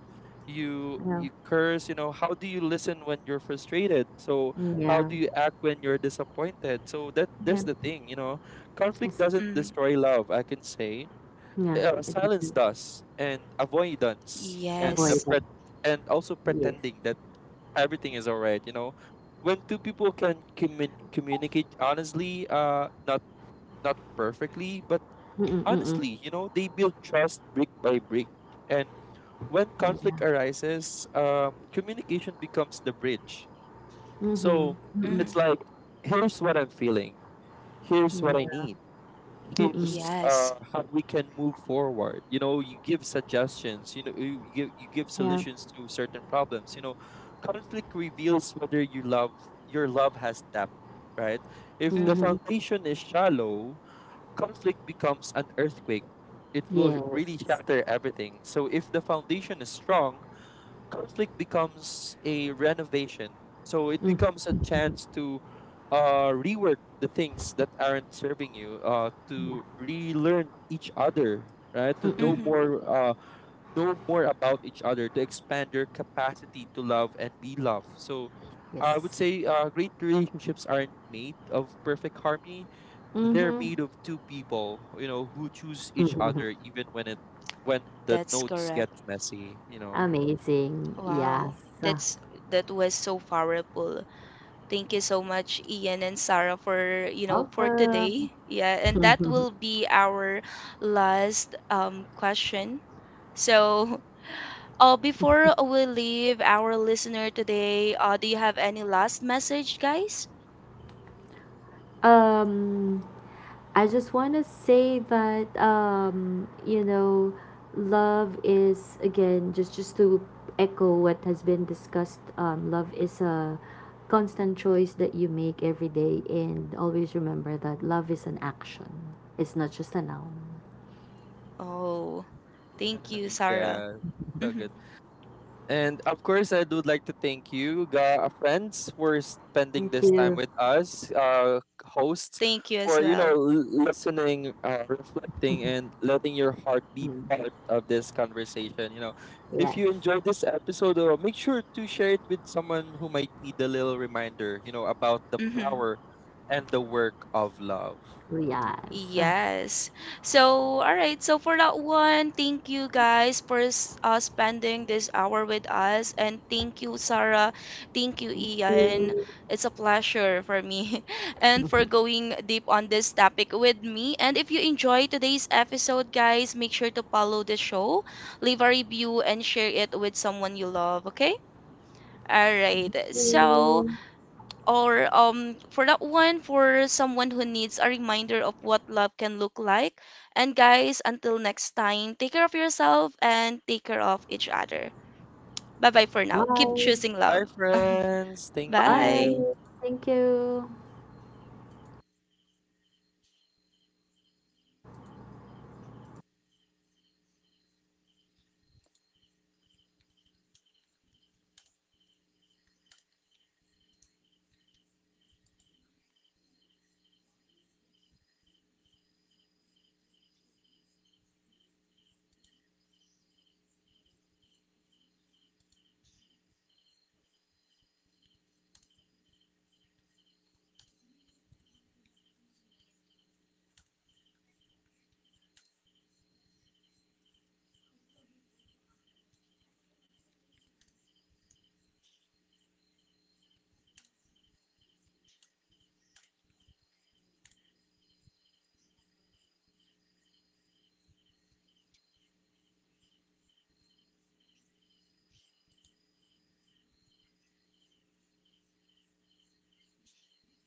Speaker 3: Yeah,
Speaker 2: you curse. You know, how do you listen when you're frustrated? So how
Speaker 3: yeah.
Speaker 2: do you act when you're disappointed? So that, that's
Speaker 3: That
Speaker 2: the thing. You know, conflict
Speaker 3: is,
Speaker 2: doesn't
Speaker 1: Mm.
Speaker 2: destroy love, I can say.
Speaker 3: yeah, it
Speaker 2: Silence
Speaker 3: is
Speaker 2: does, and avoidance, and the
Speaker 3: avoided.
Speaker 1: Yes.
Speaker 2: and also
Speaker 3: Yes.
Speaker 2: pretending that everything is all right. You know, when two people can communicate honestly, not not perfectly, but
Speaker 3: Mm-mm, mm-mm.
Speaker 2: honestly, you know, they build trust brick by brick. And when conflict
Speaker 3: Yeah.
Speaker 2: arises, communication becomes the bridge. So
Speaker 3: Mm-hmm. Mm-mm.
Speaker 2: it's
Speaker 1: Hmm.
Speaker 2: like, here's what I'm feeling, here's what I
Speaker 3: Yeah.
Speaker 2: need,
Speaker 3: Mm-mm.
Speaker 2: here's
Speaker 1: Yes.
Speaker 2: how we can move forward. You know, you give suggestions, you know, you you give
Speaker 3: Yeah.
Speaker 2: solutions to certain problems. You know, conflict reveals whether your love has depth, right? If the
Speaker 1: Hmm.
Speaker 3: Mm-hmm.
Speaker 2: foundation is shallow, conflict becomes an earthquake. It will
Speaker 3: Yes.
Speaker 2: really shatter everything. So if the foundation is strong, conflict becomes a renovation. So it
Speaker 3: Mm.
Speaker 2: becomes a chance to rework the things that aren't serving you,
Speaker 3: Yeah.
Speaker 2: to relearn each other, right? To
Speaker 3: Mm-mm.
Speaker 2: know
Speaker 1: Hmm.
Speaker 3: Mm-mm.
Speaker 2: more, about each other, to expand your capacity to love and be loved. So I would
Speaker 3: Yes.
Speaker 2: say great relationships aren't made of perfect harmony. They're
Speaker 3: Mm-hmm.
Speaker 2: made of two people, you know, who choose each other even when it when the
Speaker 1: That's
Speaker 2: notes get
Speaker 1: correct.
Speaker 2: messy, you know.
Speaker 3: Amazing. Yes.
Speaker 1: Wow. That's, that was so powerful. Thank you so much, Ian and Sarah, for for
Speaker 3: Welcome.
Speaker 1: today. Yeah, and that will be our last question. So, before we leave our listener today, do you have any last message, guys?
Speaker 3: um, I just want to say that, you know, love is — again, just to echo what has been discussed. Love is a constant choice that you make every day, and always remember that love is an action. It's not just a noun.
Speaker 1: Oh, thank you, Sarah.
Speaker 2: Yeah, so
Speaker 1: Hmm.
Speaker 2: good. And of course, I would like to thank you, friends, for spending
Speaker 3: Thank
Speaker 2: this time
Speaker 3: you.
Speaker 2: with us, hosts,
Speaker 1: Thank you as
Speaker 2: for you know
Speaker 1: well.
Speaker 2: listening, reflecting, and letting your heart be
Speaker 3: Mm.
Speaker 2: part of this conversation. You know, if
Speaker 3: Yes.
Speaker 2: you enjoyed this episode, make sure to share it with someone who might need a little reminder. You know, about the
Speaker 1: Hmm.
Speaker 2: power and the work of love.
Speaker 3: Yes. Thank
Speaker 1: Yes. So, all right. So for that one, thank you guys for spending this hour with us, and thank you, Sarah. Thank you, Ian.
Speaker 3: you.
Speaker 1: It's a pleasure for me, and for going deep on this topic with me. And if you enjoy today's episode, guys, make sure to follow the show, leave a review, and share it with someone you love. Okay. All right.
Speaker 3: Thank
Speaker 1: So
Speaker 3: you.
Speaker 1: or for that one, for someone who needs a reminder of what love can look like. And guys, until next time, take care of yourself and take care of each other. Bye bye for now. Keep
Speaker 3: Bye.
Speaker 1: choosing
Speaker 2: Bye,
Speaker 1: love.
Speaker 2: friends. Thank
Speaker 1: Bye.
Speaker 2: you.
Speaker 3: Bye. Thank you.